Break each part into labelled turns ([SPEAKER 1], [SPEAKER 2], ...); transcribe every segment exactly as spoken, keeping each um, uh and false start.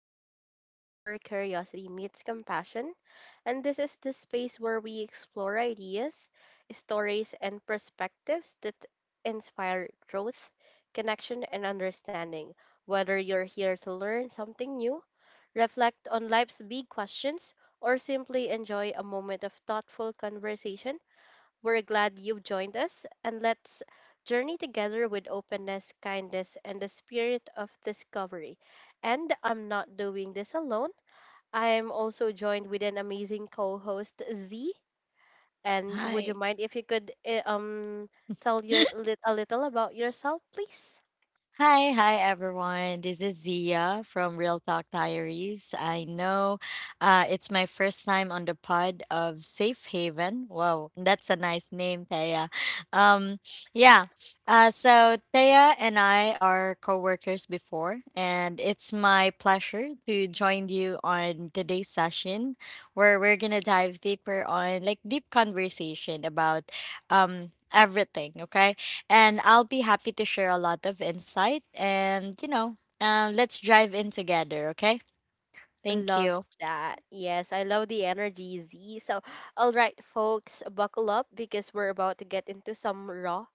[SPEAKER 1] Safe Haven, where curiosity meets compassion. And this is the space where we explore ideas, stories, and perspectives that inspire growth, connection, and understanding. Whether you're here to learn something new, reflect on life's big questions, or simply enjoy a moment of thoughtful conversation, we're glad you've joined us, and let's journey together with openness, kindness, and the spirit of discovery. And I'm not doing this alone. I am also joined with an amazing co-host, Z. And would you
[SPEAKER 2] Hi.
[SPEAKER 1] mind if you could eh, um tell your lit- a little about yourself, please?
[SPEAKER 2] Hi, hi everyone. This is Zia from Real Talk Diaries. I know uh, it's my first time on the pod of Safe Haven. Wow, that's a nice name, Thea. Um, yeah. Uh, so Thea and I are co-workers before, and it's my pleasure to join you on today's session where we're gonna dive deeper on like deep conversation about um everything. Okay. And I'll be happy to share a lot of insight. And, you know, um, let's drive in together, okay? Thank
[SPEAKER 1] Love
[SPEAKER 2] you.
[SPEAKER 1] that. Yes, I love the energy, Z. So, all right, folks, buckle up because we're about to get into some raw,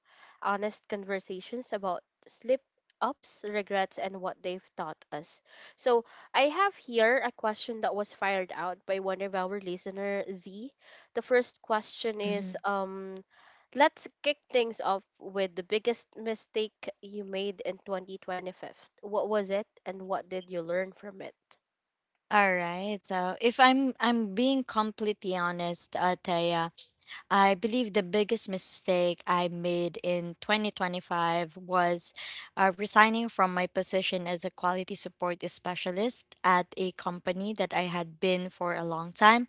[SPEAKER 1] honest conversations about slip ups, regrets, and what they've taught us. So, I have here a question that was fired out by one of our listener, Z. The first question is,
[SPEAKER 2] Mhm.
[SPEAKER 1] um, let's kick things off with the biggest mistake you made in twenty twenty-five. What was it, and what did you learn from it?
[SPEAKER 2] All right. So, if I'm I'm being completely honest, uh, Taya, I believe the biggest mistake I made in twenty twenty-five was uh, resigning from my position as a quality support specialist at a company that I had been for a long time.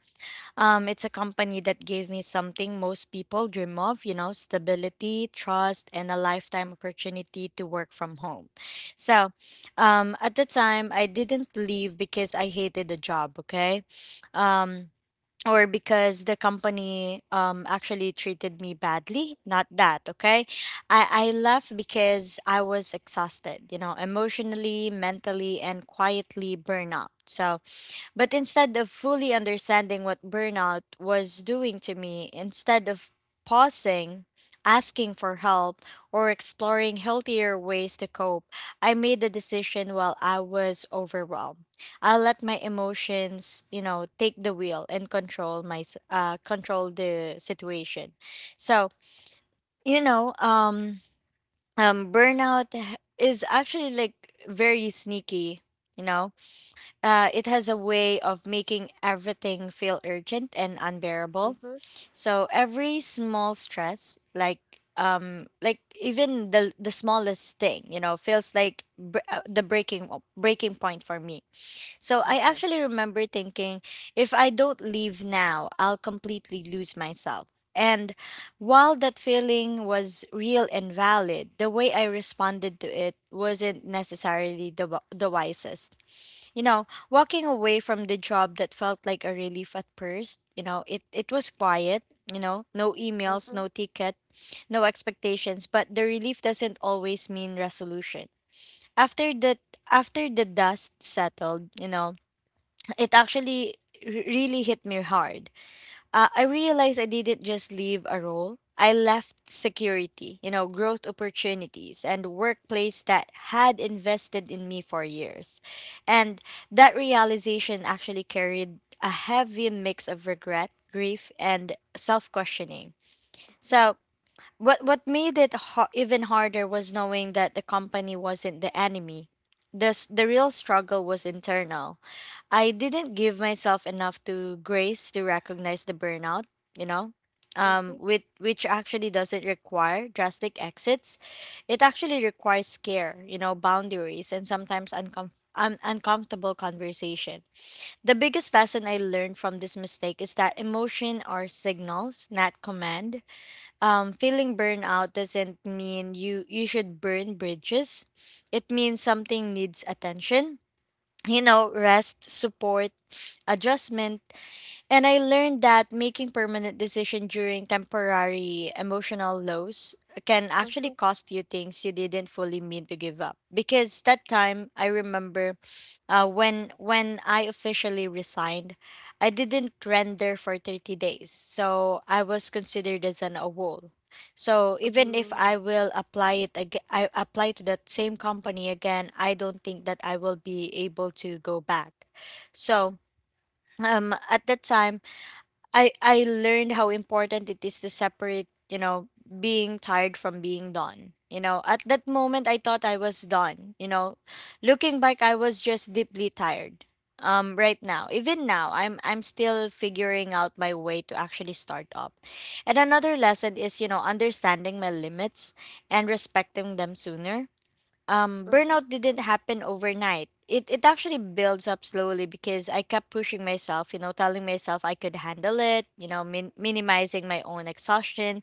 [SPEAKER 2] Um, it's a company that gave me something most people dream of, you know, stability, trust, and a lifetime opportunity to work from home. So, um, at the time, I didn't leave because I hated the job, okay? Um, or because the company um, actually treated me badly. Not that, okay? I, I left because I was exhausted, you know, emotionally, mentally, and quietly burnout. So, but instead of fully understanding what burnout was doing to me, instead of pausing, asking for help, or exploring healthier ways to cope, I made the decision while I was overwhelmed. I let my emotions, you know, take the wheel and control my s- uh, control the situation. So, you know, um, um burnout h- is actually like very sneaky, you know, uh, it has a way of making everything feel urgent and unbearable. So every small stress, like um, like even the the smallest thing, you know, feels like br- uh, the breaking breaking point for me. So I
[SPEAKER 1] Okay.
[SPEAKER 2] actually remember thinking, if I don't leave now, I'll completely lose myself. And while that feeling was real and valid, the way I responded to it wasn't necessarily the, wi- the wisest. You know, walking away from the job that felt like a relief at first, you know, it, it was quiet, you know, no emails, no
[SPEAKER 1] Mm-hmm.
[SPEAKER 2] ticket, no expectations, but the relief doesn't always mean resolution. After the After the dust settled, you know, it actually r- really hit me hard. Uh, I realized I didn't just leave a role. I left security, you know, growth opportunities and workplace that had invested in me for years. And that realization actually carried a heavy mix of regret, grief, and self questioning. So what what made it ho- even harder was knowing that the company wasn't the enemy. The s- the real struggle was internal. I didn't give myself enough to grace to recognize the burnout, you know. Um,
[SPEAKER 1] Mm-hmm.
[SPEAKER 2] which which actually doesn't require drastic exits. It actually requires care, you know, boundaries and sometimes uncomf- un- uncomfortable conversation. The biggest lesson I learned from this mistake is that emotion are signals, not command. Um, feeling burnout doesn't mean you you should burn bridges. It means something needs attention. You know, rest, support, adjustment, and I learned that making permanent decisions during temporary emotional lows can actually
[SPEAKER 1] Mm-hmm.
[SPEAKER 2] cost you things you didn't fully mean to give up. Because that time I remember uh, when when I officially resigned, I didn't render for thirty days. So I was considered as an AWOL. So even if
[SPEAKER 1] Mm-hmm.
[SPEAKER 2] I will apply it ag- I apply to that same company again, I don't think that I will be able to go back. So, um, at that time I I learned how important it is to separate, you know, being tired from being done. You know, at that moment I thought I was done, you know. Looking back, I was just deeply tired. Um, right now, even now, I'm I'm still figuring out my way to actually start up. And another lesson is, you know, understanding my limits and respecting them sooner. Um,
[SPEAKER 1] Mm-hmm.
[SPEAKER 2] burnout didn't happen overnight. It it actually builds up slowly because I kept pushing myself, you know, telling myself I could handle it, you know, min- minimizing my own exhaustion.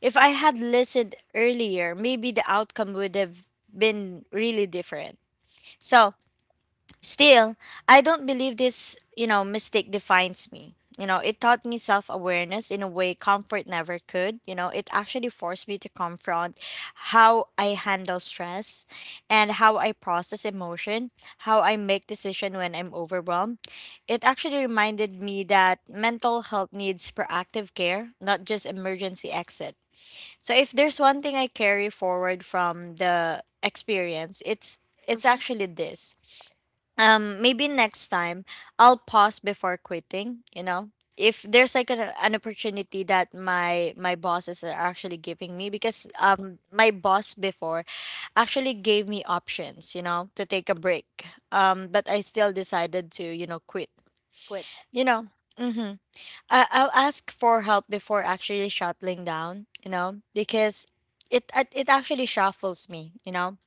[SPEAKER 2] If I had listened earlier, maybe the outcome would have been really different. So, still, I don't believe this, you know, mistake defines me. You know, it taught me self awareness in a way comfort never could. You know, it actually forced me to confront how I handle stress and how I process emotion, how I make decision when I'm overwhelmed. It actually reminded me that mental health needs proactive care, not just emergency exit. So if there's one thing I carry forward from the experience, it's it's
[SPEAKER 1] Mm-hmm.
[SPEAKER 2] actually this. Um, maybe next time I'll pause before quitting, you know. If there's like an, an opportunity that my my bosses are actually giving me because um, my boss before actually gave me options, you know, to take a break. Um, but I still decided to, you know, quit.
[SPEAKER 1] Quit.
[SPEAKER 2] You know. Mhm. I- I'll ask for help before actually shuttling down, you know, because it it it actually shuffles me, you know.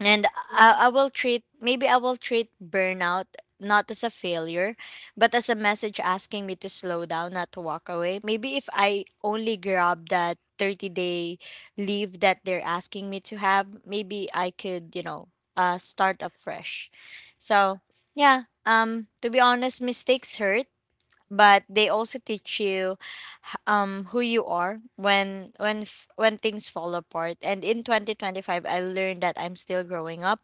[SPEAKER 2] And
[SPEAKER 1] Mm-hmm.
[SPEAKER 2] I, I will treat maybe I will treat burnout not as a failure, but as a message asking me to slow down, not to walk away. Maybe if I only grab that thirty day leave that they're asking me to have, maybe I could, you know, uh start afresh. So yeah, um, to be honest, mistakes hurt but they also teach you h- um who you are when when f- when things fall apart, and in twenty twenty-five I learned that I'm still growing up,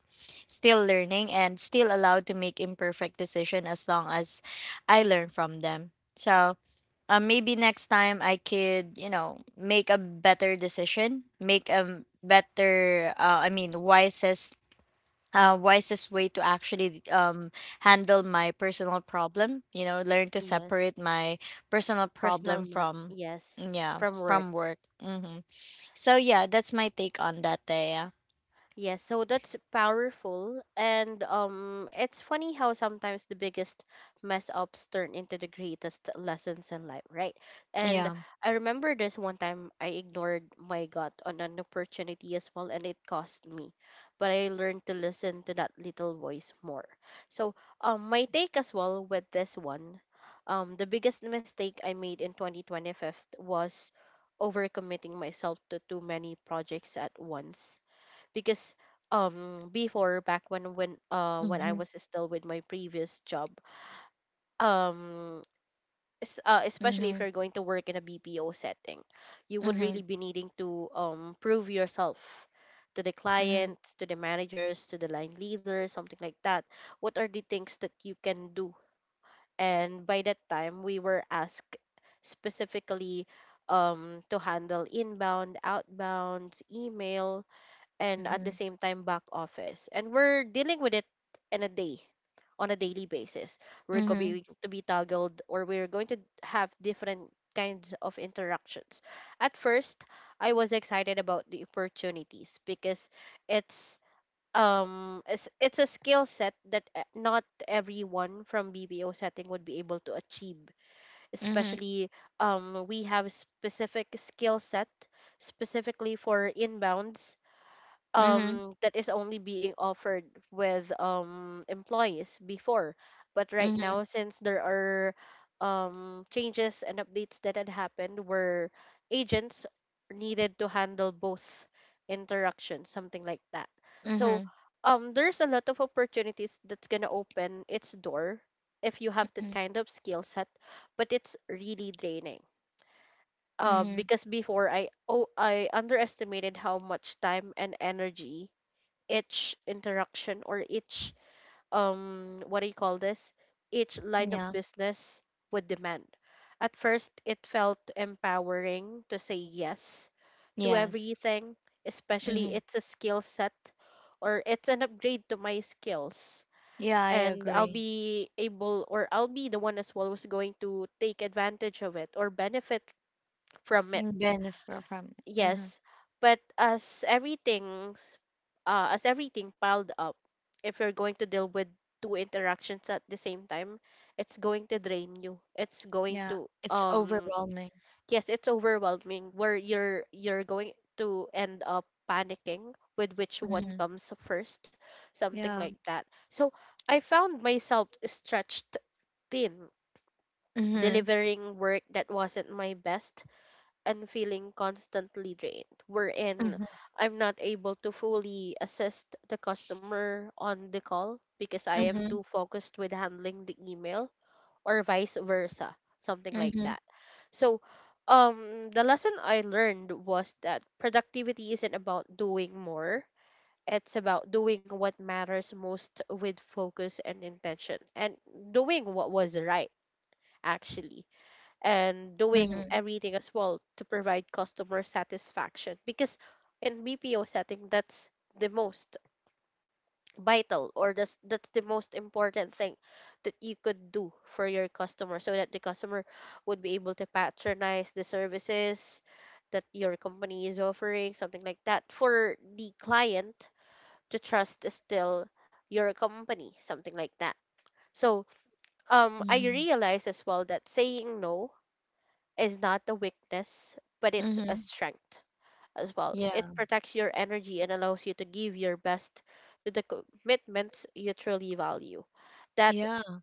[SPEAKER 2] still learning, and still allowed to make imperfect decision as long as I learn from them. So, uh, maybe next time I could, you know, make a better decision, make a better, uh, I mean, wisest, uh, wisest way to actually um, handle my personal problem, you know, learn to
[SPEAKER 1] Yes.
[SPEAKER 2] separate my personal problem
[SPEAKER 1] Personal mat.
[SPEAKER 2] from,
[SPEAKER 1] Yes.
[SPEAKER 2] yeah,
[SPEAKER 1] From work.
[SPEAKER 2] from work. Hmm. So yeah, that's my take on that day. Yeah.
[SPEAKER 1] Yes, so that's powerful. And um, it's funny how sometimes the biggest mess ups turn into the greatest lessons in life, right? And
[SPEAKER 2] Yeah.
[SPEAKER 1] I remember this one time I ignored my gut on an opportunity as well, and it cost me. But I learned to listen to that little voice more. So, um, my take as well with this one, um, the biggest mistake I made in twenty twenty-five was overcommitting myself to too many projects at once because um before back when when uh when I
[SPEAKER 2] Mm-hmm.
[SPEAKER 1] was still with my previous job. um es- uh, Especially if
[SPEAKER 2] Mm-hmm.
[SPEAKER 1] you're going to work in a B P O setting, you would
[SPEAKER 2] Mm-hmm.
[SPEAKER 1] really be needing to um prove yourself to the
[SPEAKER 2] Mm-hmm.
[SPEAKER 1] clients, to the managers, to the line leaders, something like that. What are the things that you can do? And by that time we were asked specifically um to handle inbound outbound email and at the
[SPEAKER 2] Mm-hmm.
[SPEAKER 1] same time back office. And we're dealing with it in a day, on a daily basis. We're
[SPEAKER 2] Mm-hmm.
[SPEAKER 1] going to be toggled, or we're going to have different kinds of interactions. At first, I was excited about the opportunities because it's um it's, it's a skill set that uh, not everyone from B P O setting would be able to achieve, especially um we have specific skill set specifically for inbounds
[SPEAKER 2] Mm-hmm.
[SPEAKER 1] um that is only being offered with um employees before, but
[SPEAKER 2] Mm-hmm.
[SPEAKER 1] right
[SPEAKER 2] Mm-hmm.
[SPEAKER 1] now since there are um changes and updates that had happened where agents needed to handle both interactions, something like that.
[SPEAKER 2] Mm-hmm.
[SPEAKER 1] So um there's a lot of opportunities that's going to open its door if you have that kind of skill set, but it's really draining. Uh,
[SPEAKER 2] Mm-hmm.
[SPEAKER 1] because before I oh I underestimated how much time and energy each interaction or each, um what do you call this, each line of
[SPEAKER 2] Yeah.
[SPEAKER 1] business would demand. At first it felt empowering to say yes to
[SPEAKER 2] Yes.
[SPEAKER 1] everything, especially
[SPEAKER 2] Mm-hmm.
[SPEAKER 1] it's a skill set or it's an upgrade to my skills,
[SPEAKER 2] Yeah, I
[SPEAKER 1] and I'll
[SPEAKER 2] agree.
[SPEAKER 1] be able, or I'll be the one as well who's going to take advantage of it or benefit from it.
[SPEAKER 2] Mm, benefit from it. Uh-huh.
[SPEAKER 1] Yes, but as everything's uh, as everything piled up, if you're going to deal with two interactions at the same time, it's going to drain you. It's going
[SPEAKER 2] Yeah,
[SPEAKER 1] to
[SPEAKER 2] it's
[SPEAKER 1] um
[SPEAKER 2] overwhelming.
[SPEAKER 1] yes, it's overwhelming, where you're you're going to end up panicking with which one
[SPEAKER 2] Mm-hmm.
[SPEAKER 1] comes first, something
[SPEAKER 2] Yeah.
[SPEAKER 1] like that. So I found myself stretched thin,
[SPEAKER 2] Mm-hmm.
[SPEAKER 1] delivering work that wasn't my best and feeling constantly drained, wherein
[SPEAKER 2] Mhm.
[SPEAKER 1] I'm not able to fully assist the customer on the call because I am too
[SPEAKER 2] Mhm.
[SPEAKER 1] focused with handling the email, or vice versa, something like
[SPEAKER 2] Mhm.
[SPEAKER 1] that. So, um, the lesson I learned was that productivity isn't about doing more. It's about doing what matters most with focus and intention, and doing what was right, actually, and doing
[SPEAKER 2] Mhm.
[SPEAKER 1] everything as well to provide customer satisfaction, because in B P O setting that's the most vital, or that's that's the most important thing that you could do for your customer, so that the customer would be able to patronize the services that your company is offering, something like that, for the client to trust is still your company, something like that. So um I
[SPEAKER 2] Mhm.
[SPEAKER 1] realize as well that saying no is not a weakness, but it's a
[SPEAKER 2] Mhm.
[SPEAKER 1] strength as well. It
[SPEAKER 2] Yeah.
[SPEAKER 1] protects your energy and allows you to give your best to the commitments you truly value. That
[SPEAKER 2] Yeah.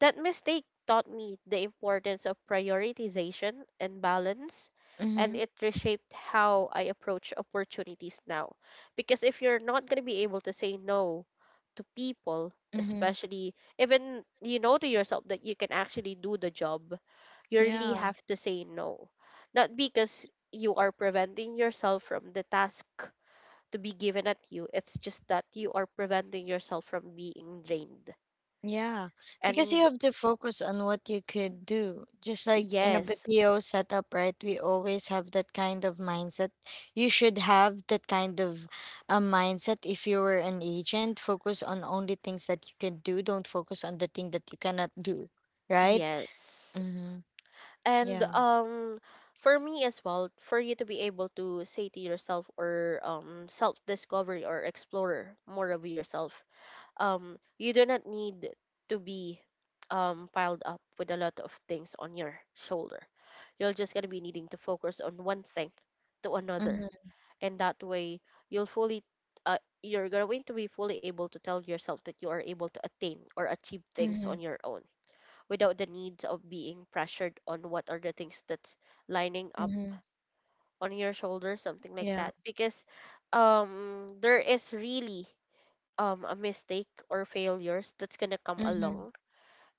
[SPEAKER 1] that mistake taught me the importance of prioritization and balance, and
[SPEAKER 2] Mhm.
[SPEAKER 1] it reshaped how I approach opportunities now. Because if you're not going to be able to say no to people,
[SPEAKER 2] Mhm.
[SPEAKER 1] especially even you know to yourself that you can actually do the job, you really
[SPEAKER 2] Yeah.
[SPEAKER 1] have to say no. Not because you are preventing yourself from the task to be given at you, it's just that you are preventing yourself from being drained.
[SPEAKER 2] Yeah. Because you
[SPEAKER 1] And
[SPEAKER 2] have to focus on what you could do. Just like in a
[SPEAKER 1] yes,
[SPEAKER 2] B P O setup, right? We always have that kind of mindset. You should have that kind of a mindset if you were an agent. Focus on only things that you can do. Don't focus on the thing that you cannot do, right?
[SPEAKER 1] yes.
[SPEAKER 2] Mm-hmm.
[SPEAKER 1] And
[SPEAKER 2] Yeah.
[SPEAKER 1] um for me as well, for you to be able to say to yourself, or um self discovery, or explore more of yourself, um you do not need to be um piled up with a lot of things on your shoulder. You're just gonna be needing to focus on one thing to another.
[SPEAKER 2] Mm-hmm.
[SPEAKER 1] And that way you'll fully uh, you're going to be fully able to tell yourself that you are able to attain or achieve things
[SPEAKER 2] Mm-hmm.
[SPEAKER 1] on your own without the need of being pressured on what are the things that's lining up
[SPEAKER 2] Mm-hmm.
[SPEAKER 1] on your shoulder, something like
[SPEAKER 2] Yeah.
[SPEAKER 1] that. Because um, there is really, um, a mistake or failures that's gonna come
[SPEAKER 2] Mm-hmm.
[SPEAKER 1] along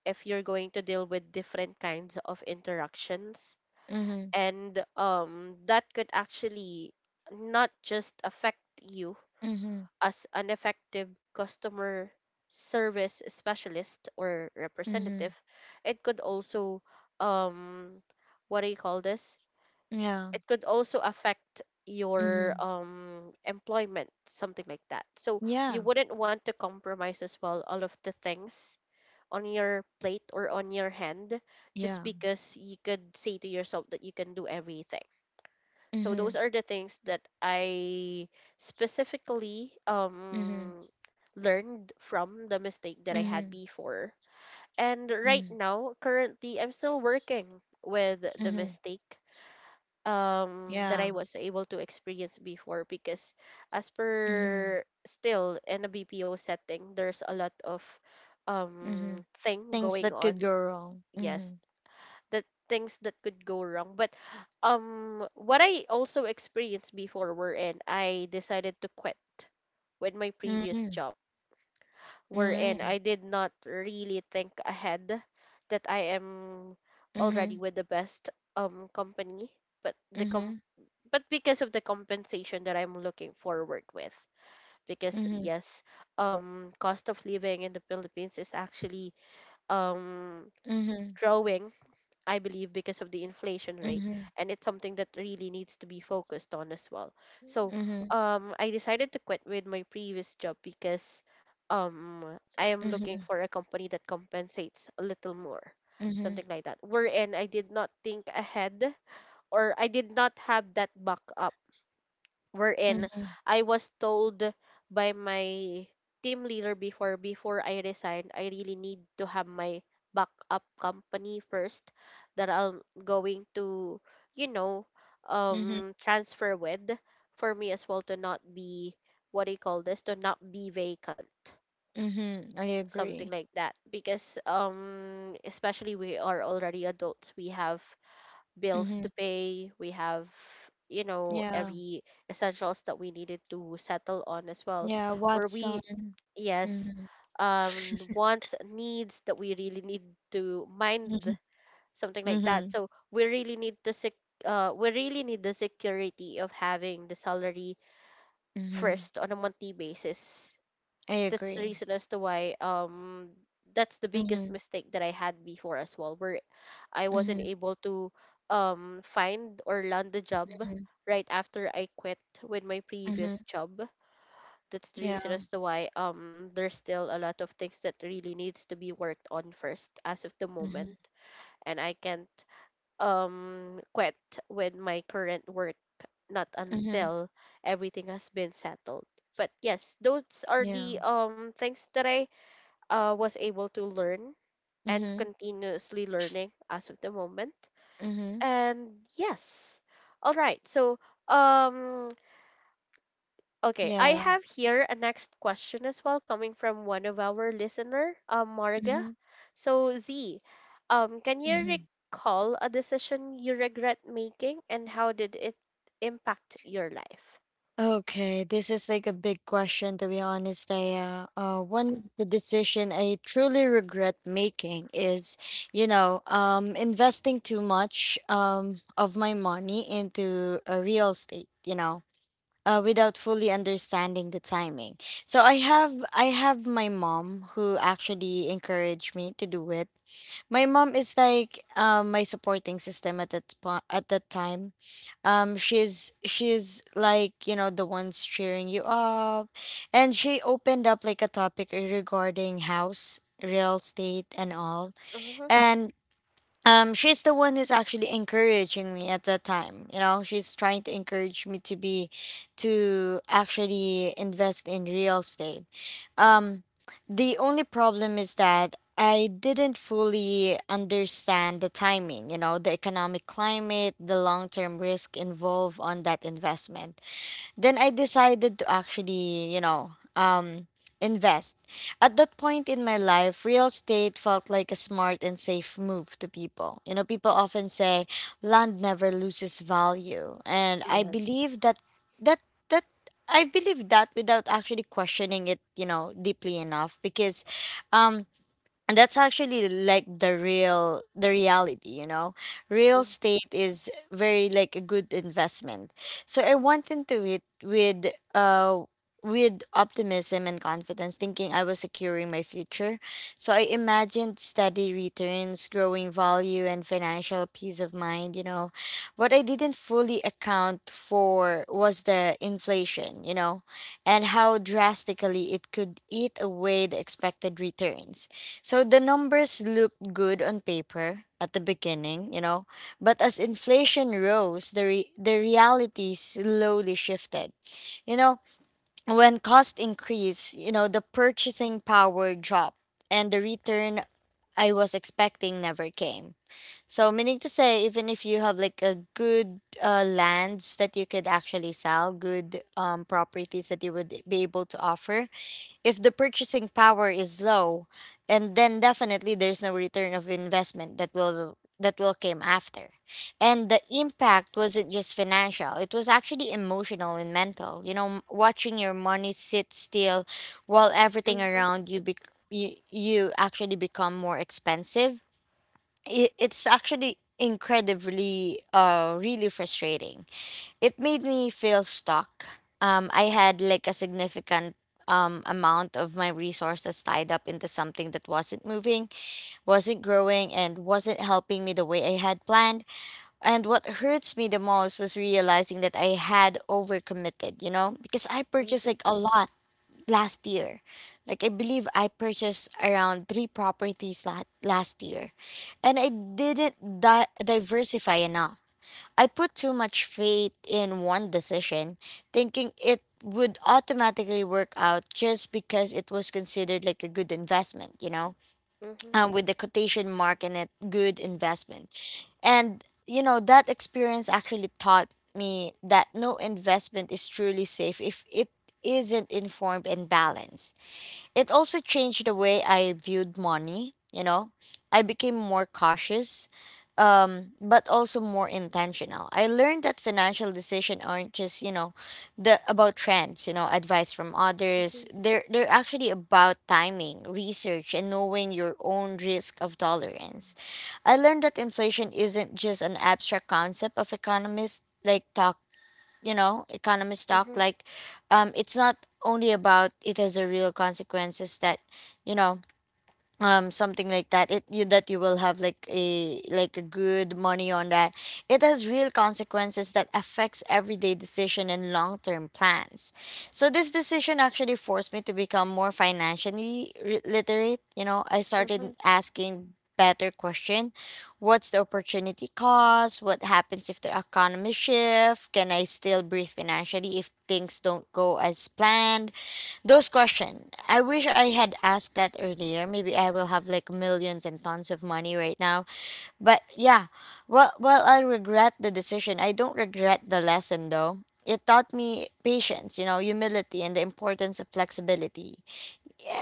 [SPEAKER 1] if you're going to deal with different kinds of interactions.
[SPEAKER 2] Mm-hmm.
[SPEAKER 1] And um, that could actually not just affect you
[SPEAKER 2] Mhm.
[SPEAKER 1] as an effective customer service specialist or representative,
[SPEAKER 2] Mhm.
[SPEAKER 1] it could also um what do you call this,
[SPEAKER 2] Yeah.
[SPEAKER 1] it could also affect your
[SPEAKER 2] Mhm.
[SPEAKER 1] um employment, something like that, so you
[SPEAKER 2] Yeah.
[SPEAKER 1] wouldn't want to compromise as well all of the things on your plate or on your hand just
[SPEAKER 2] Yeah.
[SPEAKER 1] because you could say to yourself that you can do everything. So those
[SPEAKER 2] Mhm.
[SPEAKER 1] are the things that I specifically
[SPEAKER 2] Mhm.
[SPEAKER 1] um learned from the mistake that I had
[SPEAKER 2] Mhm.
[SPEAKER 1] before. And right
[SPEAKER 2] Mhm.
[SPEAKER 1] now, currently I'm still working with the
[SPEAKER 2] Mhm.
[SPEAKER 1] mistake um that
[SPEAKER 2] Yeah.
[SPEAKER 1] I was able to experience before, because as
[SPEAKER 2] Mhm.
[SPEAKER 1] per still in a B P O setting, there's a lot of um
[SPEAKER 2] Mhm.
[SPEAKER 1] thing
[SPEAKER 2] Things
[SPEAKER 1] going
[SPEAKER 2] that could go
[SPEAKER 1] on.
[SPEAKER 2] wrong.
[SPEAKER 1] Yes,
[SPEAKER 2] Mhm.
[SPEAKER 1] the things that could go wrong. But um what I also experienced before, wherein I decided to quit with my previous
[SPEAKER 2] Mhm.
[SPEAKER 1] job, wherein
[SPEAKER 2] Mhm.
[SPEAKER 1] I did not really think ahead that I am already
[SPEAKER 2] Mhm.
[SPEAKER 1] with the best um company, but the com
[SPEAKER 2] Mhm.
[SPEAKER 1] but because of the compensation that I'm looking forward with, because
[SPEAKER 2] Mhm.
[SPEAKER 1] yes, um cost of living in the Philippines is actually um
[SPEAKER 2] Mhm.
[SPEAKER 1] growing, I believe because of the inflation rate,
[SPEAKER 2] Mhm.
[SPEAKER 1] and it's something that really needs to be focused on as well. So,
[SPEAKER 2] Mhm.
[SPEAKER 1] um I decided to quit with my previous job because um I am looking
[SPEAKER 2] Mhm.
[SPEAKER 1] for a company that compensates a little more.
[SPEAKER 2] Mhm.
[SPEAKER 1] Something like that. Wherein I did not think ahead, or I did not have that backup, wherein
[SPEAKER 2] Mhm.
[SPEAKER 1] I was told by my team leader before, before I resigned, I really need to have my backup company first that I'm going to, you know,
[SPEAKER 2] Mhm.
[SPEAKER 1] um transfer with, for me as well to not be, what do you call this, to not be vacant.
[SPEAKER 2] Mhm. I
[SPEAKER 1] Something
[SPEAKER 2] agree.
[SPEAKER 1] like that. Because um especially we are already adults, we have bills to
[SPEAKER 2] Mhm.
[SPEAKER 1] pay. We have, you know,
[SPEAKER 2] Yeah.
[SPEAKER 1] every essentials that we needed to settle on as well.
[SPEAKER 2] Yeah.
[SPEAKER 1] Where
[SPEAKER 2] Watson.
[SPEAKER 1] we, yes,
[SPEAKER 2] Mhm.
[SPEAKER 1] um, wants, needs that we really need to
[SPEAKER 2] Mhm.
[SPEAKER 1] mind, something like that.
[SPEAKER 2] Mhm.
[SPEAKER 1] So we really need to sec- uh, we really need the security of having the salary
[SPEAKER 2] Mhm.
[SPEAKER 1] first on a monthly basis.
[SPEAKER 2] I
[SPEAKER 1] That's the
[SPEAKER 2] agree.
[SPEAKER 1] reason as to why, um that's the biggest
[SPEAKER 2] Mhm.
[SPEAKER 1] mistake that I had before as well, where I wasn't
[SPEAKER 2] Mhm.
[SPEAKER 1] able to um find or land a job
[SPEAKER 2] Mhm.
[SPEAKER 1] right after I quit with my
[SPEAKER 2] Mhm.
[SPEAKER 1] previous job. That's the reason
[SPEAKER 2] Yeah.
[SPEAKER 1] as to why um there's still a lot of things that really needs to be worked on first as of the
[SPEAKER 2] Mhm.
[SPEAKER 1] moment. And I can't um quit with my current work not
[SPEAKER 2] Mm-hmm.
[SPEAKER 1] until everything has been settled. But yes, those are
[SPEAKER 2] Yeah.
[SPEAKER 1] the um things that I uh, was able to learn and
[SPEAKER 2] Mm-hmm.
[SPEAKER 1] continuously learning as of the moment.
[SPEAKER 2] Mm-hmm.
[SPEAKER 1] And yes. All right. So, um okay, I
[SPEAKER 2] Yeah.
[SPEAKER 1] have here a next question as well coming from one of our listener, uh, Marga.
[SPEAKER 2] Mm-hmm.
[SPEAKER 1] So, Z, um can you
[SPEAKER 2] Mm-hmm.
[SPEAKER 1] recall a decision you regret making, and how did it impact your life?
[SPEAKER 2] Okay, this is like a big question to be honest, Daya. Uh, uh, one of the decision I truly regret making is, you know, um, investing too much um, of my money into a real estate. You know, uh, without fully understanding the timing. So I have I have my mom who actually encouraged me to do it. My mom is like, um, my supporting system at that po- at that time. Um, she's she's like, you know, the ones cheering you up, and she opened up like a topic regarding house real estate and all,
[SPEAKER 1] Mm-hmm.
[SPEAKER 2] and um, she's the one who's actually encouraging me at that time, you know, she's trying to encourage me to be, to actually invest in real estate. Um, the only problem is that I didn't fully understand the timing, you know, the economic climate, the long term risk involved on that investment. Then I decided to actually, you know, um, invest. At that point in my life, real estate felt like a smart and safe move to people. You know, people often say land never loses value, and I
[SPEAKER 1] Yes.
[SPEAKER 2] believe that that that I believe that without actually questioning it, you know, deeply enough because, um, and that's actually like the real the reality, you know, real
[SPEAKER 1] Mm-hmm.
[SPEAKER 2] estate is very like a good investment. So I went into it with uh with optimism and confidence, thinking I was securing my future. So I imagined steady returns, growing value, and financial peace of mind, you know. What I didn't fully account for was the inflation, you know, and how drastically it could eat away the expected returns. So the numbers looked good on paper at the beginning, you know, but as inflation rose, the re- the reality slowly shifted. You know, when cost increased, you know, the purchasing power dropped and the return I was expecting never came. So meaning to say even if you have like a good uh, lands that you could actually sell, good um properties that you would be able to offer, if the purchasing power is low and then definitely there's no return of investment that will that will came after. And the impact wasn't just financial, it was actually emotional and mental, you know, m- watching your money sit still while everything
[SPEAKER 1] Mm-hmm.
[SPEAKER 2] around you bec you, you actually become more expensive. It, it's
[SPEAKER 1] Yeah.
[SPEAKER 2] actually incredibly uh really frustrating. It made me feel stuck. Um, I had like a significant um, amount of my resources tied up into something that wasn't moving, wasn't growing, and wasn't helping me the way I had planned. And what hurts me the most was realizing that I had overcommitted, you know, because I purchased
[SPEAKER 1] Mm-hmm.
[SPEAKER 2] like a lot last year. Like I believe I purchased around three properties la- last year, and I didn't di- diversify enough. I put too much faith in one decision, thinking it would automatically work out just because it was considered like a good investment, you know,
[SPEAKER 1] Mm-hmm.
[SPEAKER 2] um, with the quotation mark in it, good investment. And, you know, that experience actually taught me that no investment is truly safe if it isn't informed and balanced. It also changed the way I viewed money, you know. I became more cautious, um, but also more intentional. I learned that financial decisions aren't just, you know, the about trends, you know, advice from others.
[SPEAKER 1] Mm-hmm.
[SPEAKER 2] They're they're actually about timing, research, and knowing your own risk of tolerance. I learned that inflation isn't just an abstract concept of economists like talk, you know, economists talk like, um it's not only about, it has a real consequences that, you know, um something like that, it you that you will have like a like a good money on that. It has real consequences that affects everyday decision and long-term plans. So this decision actually forced me to become more financially re- literate, you know. I
[SPEAKER 1] Mm-hmm.
[SPEAKER 2] started asking better question. What's the opportunity cost? What happens if the economy shift? Can I still breathe financially if things don't go as planned? Those question, I wish I had asked that earlier. Maybe I will have like millions and tons of money right now. But yeah, well, well, I regret the decision. I don't regret the lesson though. It taught me patience, you know, humility, and the importance of flexibility.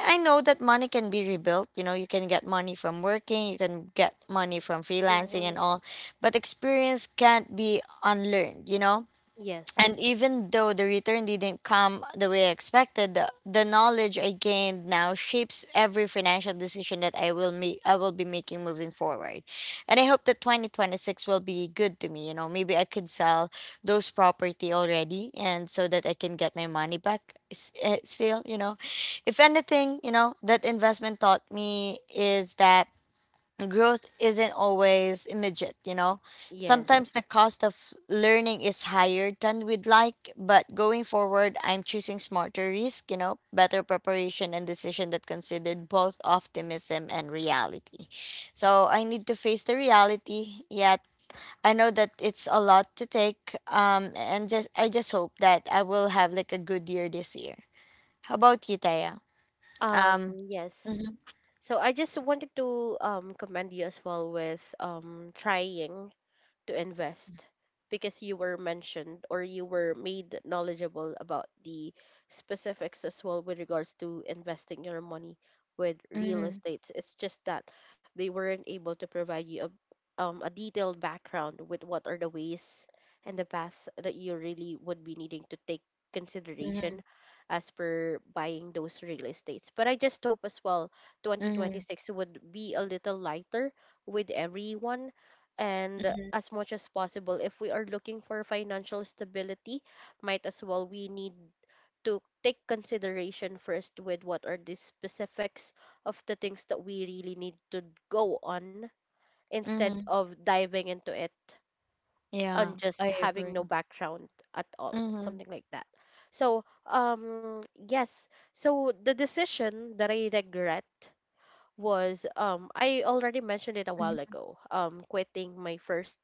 [SPEAKER 2] I know that money can be rebuilt. You know, you can get money from working, you can get money from freelancing
[SPEAKER 1] Mm-hmm.
[SPEAKER 2] and all, but experience can't be unlearned, you know? And
[SPEAKER 1] Yes,
[SPEAKER 2] even though the return didn't come the way I expected, the, the knowledge I gained now shapes every financial decision that I will make, I will be making moving forward. And I hope that twenty twenty-six will be good to me, you know. Maybe I could sell those property already and so that I can get my money back s- uh, still, you know. If anything, you know, that investment taught me is that growth isn't always immediate, you know. Sometimes the
[SPEAKER 1] yes.
[SPEAKER 2] cost of learning is higher than we'd like, but going forward, I'm choosing smarter risk, you know, better preparation and decision that considered both optimism and reality. So I need to face the reality, yet I know that it's a lot to take. Um, and just I just hope that I will have like a good year this year. How about you, Taya?
[SPEAKER 1] Um,
[SPEAKER 2] Um,
[SPEAKER 1] yes.
[SPEAKER 2] mhm.
[SPEAKER 1] So I just wanted to um commend you as well with um trying to invest, because you were mentioned or you were made knowledgeable about the specifics as well with regards to investing your money with real
[SPEAKER 2] Mhm,
[SPEAKER 1] estates. It's just that they weren't able to provide you a, um, a detailed background with what are the ways and the path that you really would be needing to take
[SPEAKER 2] mhm,
[SPEAKER 1] consideration as per buying those real estates. But I just hope as well
[SPEAKER 2] mhm,
[SPEAKER 1] twenty twenty-six would be a little lighter with everyone, and
[SPEAKER 2] mhm,
[SPEAKER 1] as much as possible, if we are looking for financial stability, might as well we need to take consideration first with what are the specifics of the things that we really need to go on, instead
[SPEAKER 2] mhm.
[SPEAKER 1] of diving into it
[SPEAKER 2] Yeah,
[SPEAKER 1] on just
[SPEAKER 2] I
[SPEAKER 1] having no
[SPEAKER 2] agree.
[SPEAKER 1] background at all,
[SPEAKER 2] Mhm,
[SPEAKER 1] something like that. So um yes so the decision that I regret was, um I already mentioned it a while
[SPEAKER 2] mhm,
[SPEAKER 1] ago, um quitting my first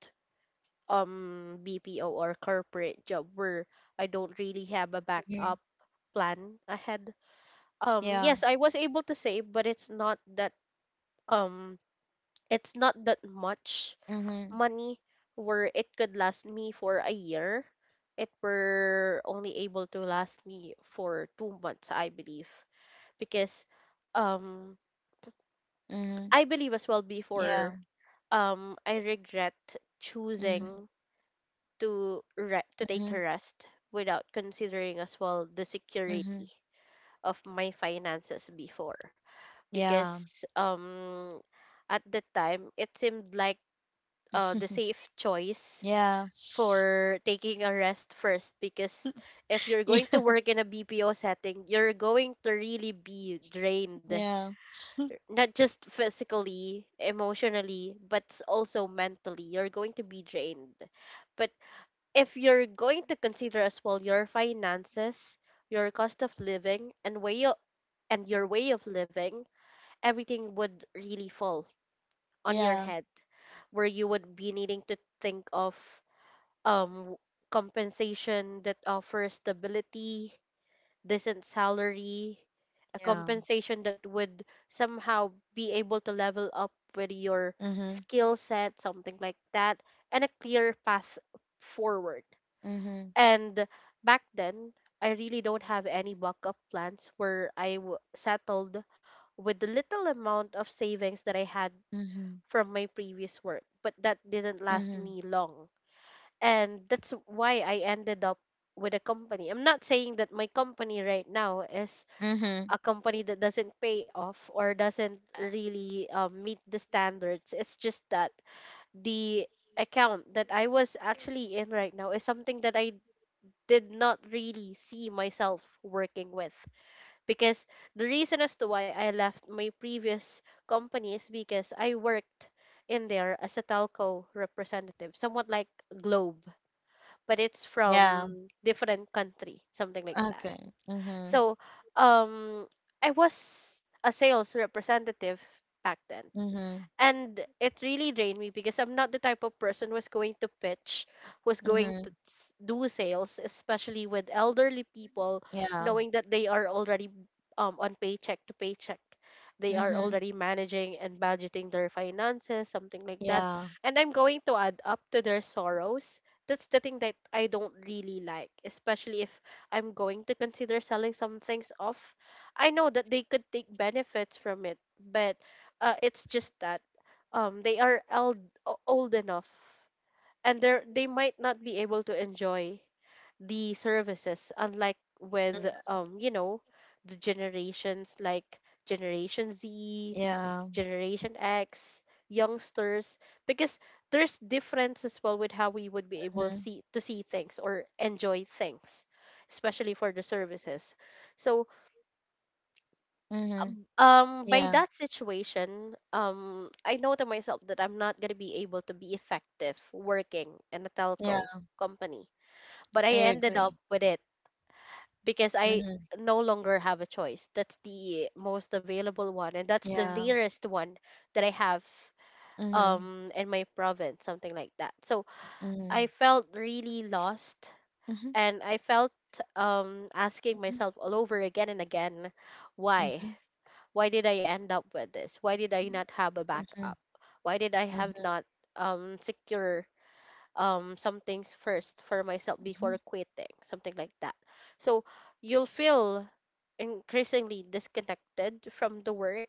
[SPEAKER 1] um B P O or corporate job where I don't really have a
[SPEAKER 2] mhm.
[SPEAKER 1] backup plan ahead. Um
[SPEAKER 2] Yeah,
[SPEAKER 1] yes, I was able to save, but it's not that um it's not that much
[SPEAKER 2] mhm,
[SPEAKER 1] money where it could last me for a year. It were only able to last me for two months, I believe, because um
[SPEAKER 2] mhm.
[SPEAKER 1] I believe as well
[SPEAKER 2] Yeah,
[SPEAKER 1] before um I regret
[SPEAKER 2] mhm,
[SPEAKER 1] choosing to re- to take a
[SPEAKER 2] mhm,
[SPEAKER 1] rest without considering as well the security
[SPEAKER 2] mhm.
[SPEAKER 1] of my finances before,
[SPEAKER 2] Yeah,
[SPEAKER 1] because um at the time it seemed like uh, the safe choice
[SPEAKER 2] yeah,
[SPEAKER 1] for taking a rest first, because if you're going to work in a B P O setting, you're going to really be
[SPEAKER 2] yeah,
[SPEAKER 1] drained,
[SPEAKER 2] yeah,
[SPEAKER 1] not just physically, emotionally, but s- also mentally, you're going to be drained. But if you're going to consider as well your finances, your cost of living, and way o- and your way of living, everything would really fall on your
[SPEAKER 2] yeah,
[SPEAKER 1] head, where you would be needing to think of um compensation that offers stability, decent salary, a
[SPEAKER 2] yeah.
[SPEAKER 1] compensation that would somehow be able to level up with your
[SPEAKER 2] Mhm,
[SPEAKER 1] skill set, something like that, and a clear path forward.
[SPEAKER 2] mhm,
[SPEAKER 1] And back then, I really don't have any backup plans, where I w- settled with the little amount of savings that I had
[SPEAKER 2] mhm,
[SPEAKER 1] from my previous work, but that didn't last
[SPEAKER 2] mhm,
[SPEAKER 1] me long. And that's why I ended up with a company. I'm not saying that my company right now is
[SPEAKER 2] mhm.
[SPEAKER 1] a company that doesn't pay off or doesn't really, um, meet the standards. It's just that the account that I was actually in right now is something that I did not really see myself working with, because the reason as to why I left my previous company is because I worked in there as a telco representative, somewhat like Globe, but it's
[SPEAKER 2] Yeah.
[SPEAKER 1] from different country, something like that.
[SPEAKER 2] Okay. Mhm.
[SPEAKER 1] So, um, I was a sales representative back then,
[SPEAKER 2] Mhm.
[SPEAKER 1] and it really drained me because I'm not the type of person who's going to pitch, who's going
[SPEAKER 2] Mhm.
[SPEAKER 1] to s- do sales, especially with elderly people,
[SPEAKER 2] Yeah.
[SPEAKER 1] knowing that they are already um on paycheck to paycheck. They are
[SPEAKER 2] Mhm.
[SPEAKER 1] already managing and budgeting their finances, something like that.
[SPEAKER 2] Yeah.
[SPEAKER 1] And I'm going to add up to their sorrows. That's the thing that I don't really like, especially if I'm going to consider selling some things off. I know that they could take benefits from it, but uh, it's just that um they are old, old enough, and they they might not be able to enjoy the services, unlike with um you know the generations like generation Z,
[SPEAKER 2] Yeah.
[SPEAKER 1] generation X, youngsters, because there's difference as well with how we would be able
[SPEAKER 2] Mhm.
[SPEAKER 1] see to see things or enjoy things, especially for the services. So
[SPEAKER 2] Mhm.
[SPEAKER 1] um by
[SPEAKER 2] Yeah.
[SPEAKER 1] that situation, um I know to myself that I'm not going to be able to be effective working in a
[SPEAKER 2] Yeah.
[SPEAKER 1] telco company, but I
[SPEAKER 2] I
[SPEAKER 1] ended up
[SPEAKER 2] agree.
[SPEAKER 1] with it because I
[SPEAKER 2] Mhm.
[SPEAKER 1] no longer have a choice. That's the most available one and that's the
[SPEAKER 2] Yeah.
[SPEAKER 1] nearest one that I have
[SPEAKER 2] Mhm.
[SPEAKER 1] um in my province, something like that. So I
[SPEAKER 2] Mhm.
[SPEAKER 1] felt really lost,
[SPEAKER 2] Mhm.
[SPEAKER 1] and I felt um asking myself all over again and again, why
[SPEAKER 2] Mhm.
[SPEAKER 1] why did I end up with this, why did I not have a
[SPEAKER 2] Mhm.
[SPEAKER 1] backup, why did I
[SPEAKER 2] Mhm.
[SPEAKER 1] have not um secure um some things first for myself
[SPEAKER 2] Mhm.
[SPEAKER 1] before quitting, something like that. So you'll feel increasingly disconnected from the work,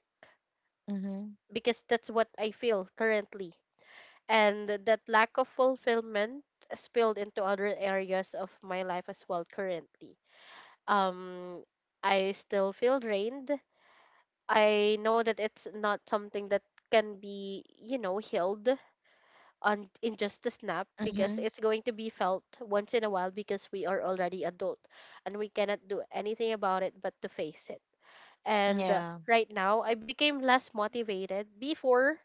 [SPEAKER 2] Mhm. Mhm.
[SPEAKER 1] because that's what I feel currently, and that lack of fulfillment spilled into other areas of my life as well. Currently, um I still feel drained. I know that it's not something that can be, you know, healed on in just a snap, because
[SPEAKER 2] Mhm.
[SPEAKER 1] it's going to be felt once in a while, because we are already adult and we cannot do anything about it but to face it. And uh,
[SPEAKER 2] Yeah.
[SPEAKER 1] right now, I became less motivated. Before,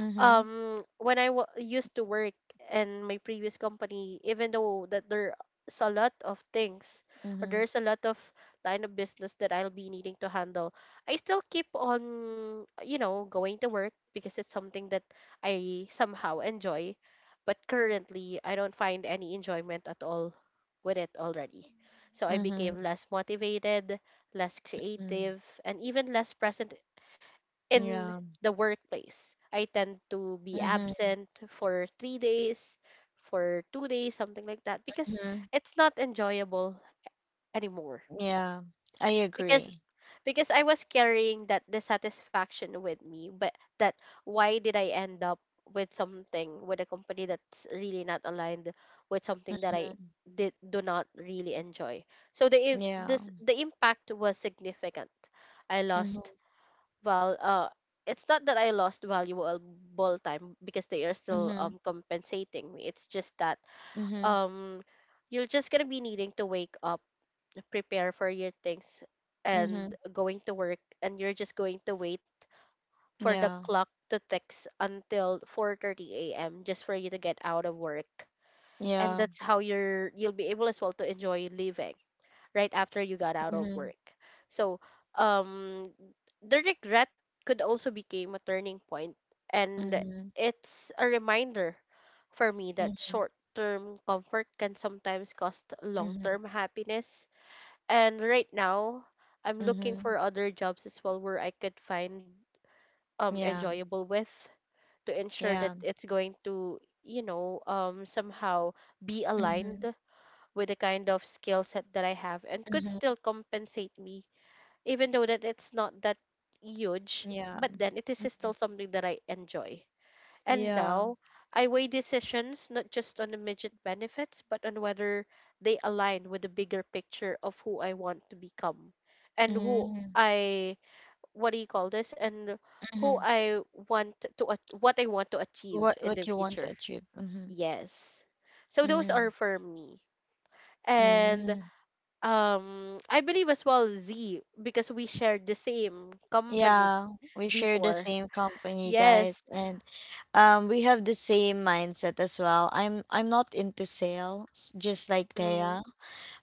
[SPEAKER 2] Mhm.
[SPEAKER 1] um when I w- used to work in my previous company, even though that there's a lot of things or
[SPEAKER 2] Mhm.
[SPEAKER 1] there's a lot of line of business that I'll be needing to handle, I still keep on, you know, going to work because it's something that I somehow enjoy. But currently, I don't find any enjoyment at all with it already. So I
[SPEAKER 2] Mhm.
[SPEAKER 1] became less motivated, less
[SPEAKER 2] Mhm.
[SPEAKER 1] creative, and even less present in
[SPEAKER 2] Yeah.
[SPEAKER 1] the workplace. I tend to be
[SPEAKER 2] Mhm.
[SPEAKER 1] absent for three days, for two days, something like that, because
[SPEAKER 2] Mhm.
[SPEAKER 1] it's not enjoyable anymore.
[SPEAKER 2] Yeah. I
[SPEAKER 1] Because
[SPEAKER 2] agree.
[SPEAKER 1] because I was carrying that dissatisfaction with me, but that, why did I end up with something, with a company that's really not aligned with something that I
[SPEAKER 2] Mhm.
[SPEAKER 1] did do not really enjoy. So the i-
[SPEAKER 2] Yeah.
[SPEAKER 1] this the impact was significant. I
[SPEAKER 2] Mhm.
[SPEAKER 1] lost, well, uh, it's not that I lost valuable time, because they are still
[SPEAKER 2] Mhm.
[SPEAKER 1] um compensating me. It's just that
[SPEAKER 2] Mhm.
[SPEAKER 1] um you're just gonna be needing to wake up, prepare for your things, and
[SPEAKER 2] Mhm.
[SPEAKER 1] going to work, and you're just going to wait for the
[SPEAKER 2] Yeah.
[SPEAKER 1] clock to ticks until four thirty a m, just for you to get out of work, and
[SPEAKER 2] Yeah.
[SPEAKER 1] that's how you're you'll be able as well to enjoy living right after you got out of
[SPEAKER 2] Mhm.
[SPEAKER 1] work. So, um, the regret could also become a turning point, and
[SPEAKER 2] Mhm.
[SPEAKER 1] it's a reminder for me that
[SPEAKER 2] Mhm.
[SPEAKER 1] short-term comfort can sometimes cost
[SPEAKER 2] Mhm.
[SPEAKER 1] long-term happiness. And right now, I'm looking
[SPEAKER 2] Mhm.
[SPEAKER 1] for other jobs as well where I could find um
[SPEAKER 2] Yeah.
[SPEAKER 1] enjoyable with, to ensure
[SPEAKER 2] Yeah.
[SPEAKER 1] that it's going to, you know, um somehow be
[SPEAKER 2] Mhm.
[SPEAKER 1] aligned with the kind of skill set that I have and could
[SPEAKER 2] Mhm.
[SPEAKER 1] still compensate me, even though that it's not that huge,
[SPEAKER 2] Yeah.
[SPEAKER 1] but then it is
[SPEAKER 2] Mhm.
[SPEAKER 1] still something that I enjoy. And
[SPEAKER 2] Yeah.
[SPEAKER 1] now I weigh decisions not just on immediate benefits, but on whether they align with the bigger picture of who I want to become, and who
[SPEAKER 2] Mm,
[SPEAKER 1] I, what do you call this? And who
[SPEAKER 2] mhm.
[SPEAKER 1] I want to, at- what I want to
[SPEAKER 2] What
[SPEAKER 1] achieve in
[SPEAKER 2] what
[SPEAKER 1] the
[SPEAKER 2] you want to
[SPEAKER 1] future.
[SPEAKER 2] achieve? Mm-hmm.
[SPEAKER 1] Yes. So those
[SPEAKER 2] Mm-hmm.
[SPEAKER 1] are for me. And
[SPEAKER 2] Mm.
[SPEAKER 1] um, I believe as well Z, because we shared the same company
[SPEAKER 2] Yeah, we share the
[SPEAKER 1] before.
[SPEAKER 2] same company,
[SPEAKER 1] Yes.
[SPEAKER 2] guys, and um we have the same mindset as well. I'm I'm not into sales, just like
[SPEAKER 1] Mhm.
[SPEAKER 2] Thea.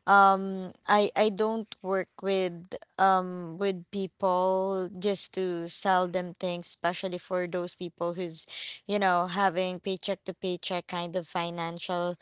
[SPEAKER 2] um i i don't work with um with people just to sell them things, especially for those people who's, you know, having paycheck to paycheck kind of financial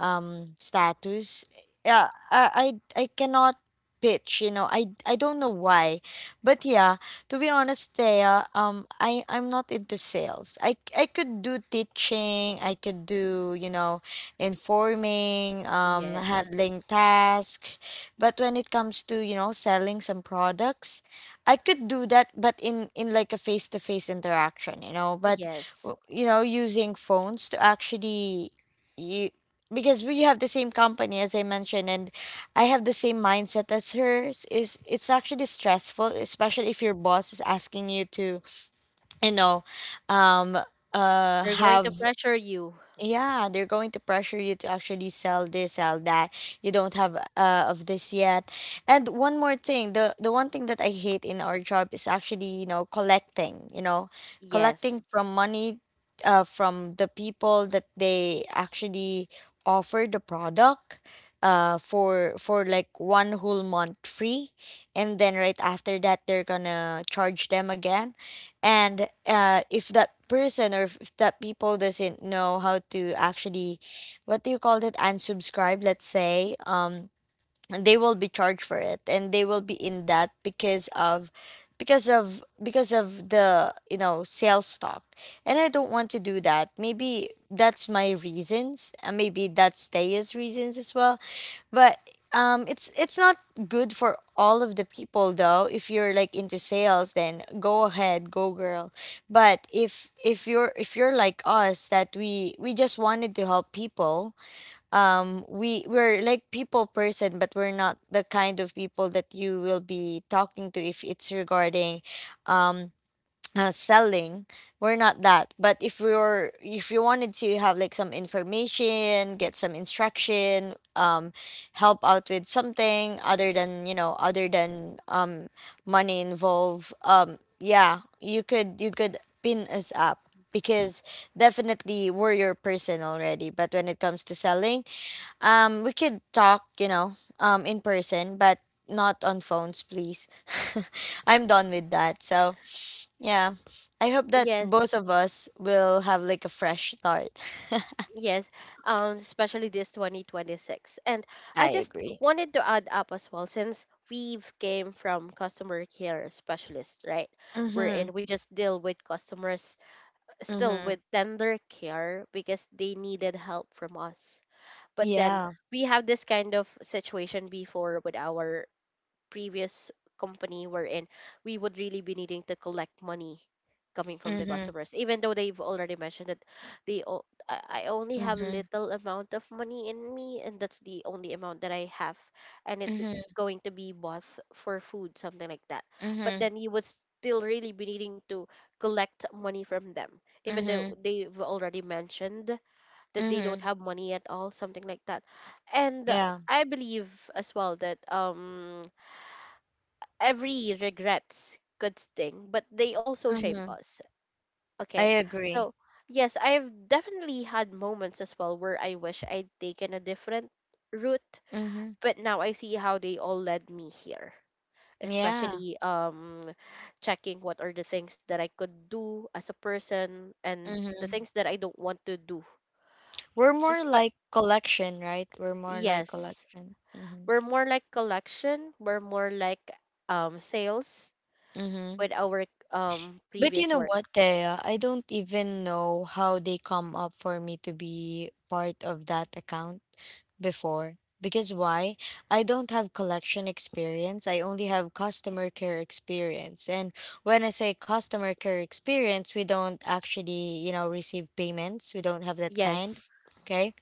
[SPEAKER 2] um status. Yeah, i i, I cannot pitch, you know. I i don't know why, but yeah, to be honest, Thea, um i i'm not into sales. I i could do teaching, I could do, you know, informing, um,
[SPEAKER 1] Yes.
[SPEAKER 2] handling tasks. But when it comes to, you know, selling some products, I could do that, but in, in like a face to face interaction, you know, but,
[SPEAKER 1] Yes.
[SPEAKER 2] w- you know, using phones to actually, you, because we have the same company, as I mentioned, and I have the same mindset as hers, is it's actually stressful, especially if your boss is asking you to, you know, um, uh
[SPEAKER 1] They're going to
[SPEAKER 2] have
[SPEAKER 1] pressure you.
[SPEAKER 2] yeah, they're going to pressure you to actually sell this, sell that. You don't have uh, of this yet. And one more thing, the the one thing that I hate in our job is actually, you know, collecting, you know, collecting
[SPEAKER 1] Yes.
[SPEAKER 2] from money uh from the people that they actually offer the product uh for for like one whole month free, and then right after that they're gonna charge them again. And uh, if that person or if that people doesn't know how to actually, what do you call it, unsubscribe, let's say, um they will be charged for it and they will be in that because of because of because of the, you know, sales talk. And I don't want to do that. Maybe that's my reasons, and maybe that's Taya's reasons as well. But um it's it's not good for all of the people though. If you're like into sales, then go ahead, go girl. But if if you're if you're like us that we we just wanted to help people, um we we're like people person, but we're not the kind of people that you will be talking to if it's regarding um uh, selling. We're not that. But if we were, if you wanted to have like some information, get some instruction, um help out with something other than, you know, other than um money involved, um yeah, you could you could pin us up, because definitely we're your person already. But when it comes to selling, um, we could talk, you know, um, in person, but not on phones, please. I'm done with that. So, yeah, I hope that
[SPEAKER 1] Yes.
[SPEAKER 2] both of us will have like a fresh start.
[SPEAKER 1] Yes. Um, especially this twenty twenty-six. And I
[SPEAKER 2] I
[SPEAKER 1] just
[SPEAKER 2] agree.
[SPEAKER 1] wanted to add up as well, since we've came from customer care specialist, right? We're
[SPEAKER 2] Mm-hmm.
[SPEAKER 1] in. We just deal with customers still
[SPEAKER 2] Mm-hmm.
[SPEAKER 1] with tender care because they needed help from us, but then
[SPEAKER 2] Yeah.
[SPEAKER 1] we have this kind of situation before with our previous company, wherein we would really be needing to collect money coming from the
[SPEAKER 2] Mm-hmm.
[SPEAKER 1] customers, even though they've already mentioned that they o- I I only have
[SPEAKER 2] Mm-hmm.
[SPEAKER 1] little amount of money in me and that's the only amount that I have, and it's
[SPEAKER 2] Mm-hmm.
[SPEAKER 1] going to be bought for food, something like that. But
[SPEAKER 2] Mm-hmm.
[SPEAKER 1] then you would still really be needing to collect money from them, even though
[SPEAKER 2] Mm-hmm.
[SPEAKER 1] they've already mentioned that they don't
[SPEAKER 2] Mm-hmm.
[SPEAKER 1] have money at all, something like that. And
[SPEAKER 2] Yeah.
[SPEAKER 1] I believe as well that um every regrets could sting, but they also shape
[SPEAKER 2] Mm-hmm.
[SPEAKER 1] us.
[SPEAKER 2] I
[SPEAKER 1] Okay.
[SPEAKER 2] agree.
[SPEAKER 1] So yes, I've definitely had moments as well where I wish I'd taken a different route,
[SPEAKER 2] Mm-hmm.
[SPEAKER 1] but now I see how they all led me here.
[SPEAKER 2] Yeah.
[SPEAKER 1] Especially um checking what are the things that I could do as a person and the
[SPEAKER 2] Mm-hmm.
[SPEAKER 1] things that I don't want to do.
[SPEAKER 2] We're
[SPEAKER 1] Just
[SPEAKER 2] more
[SPEAKER 1] but
[SPEAKER 2] like collection, right? We're more like
[SPEAKER 1] yes.
[SPEAKER 2] collection. Mm-hmm.
[SPEAKER 1] We're more like collection. We're more like um sales
[SPEAKER 2] Mm-hmm.
[SPEAKER 1] with our um
[SPEAKER 2] But you
[SPEAKER 1] previous
[SPEAKER 2] know
[SPEAKER 1] work.
[SPEAKER 2] what, Thea? I don't even know how they come up for me to be part of that account before. Because why? I don't have collection experience. I only have customer care experience. And when I say customer care experience, we don't actually, you know, receive payments. We don't have that kind.
[SPEAKER 1] Yes.
[SPEAKER 2] Okay,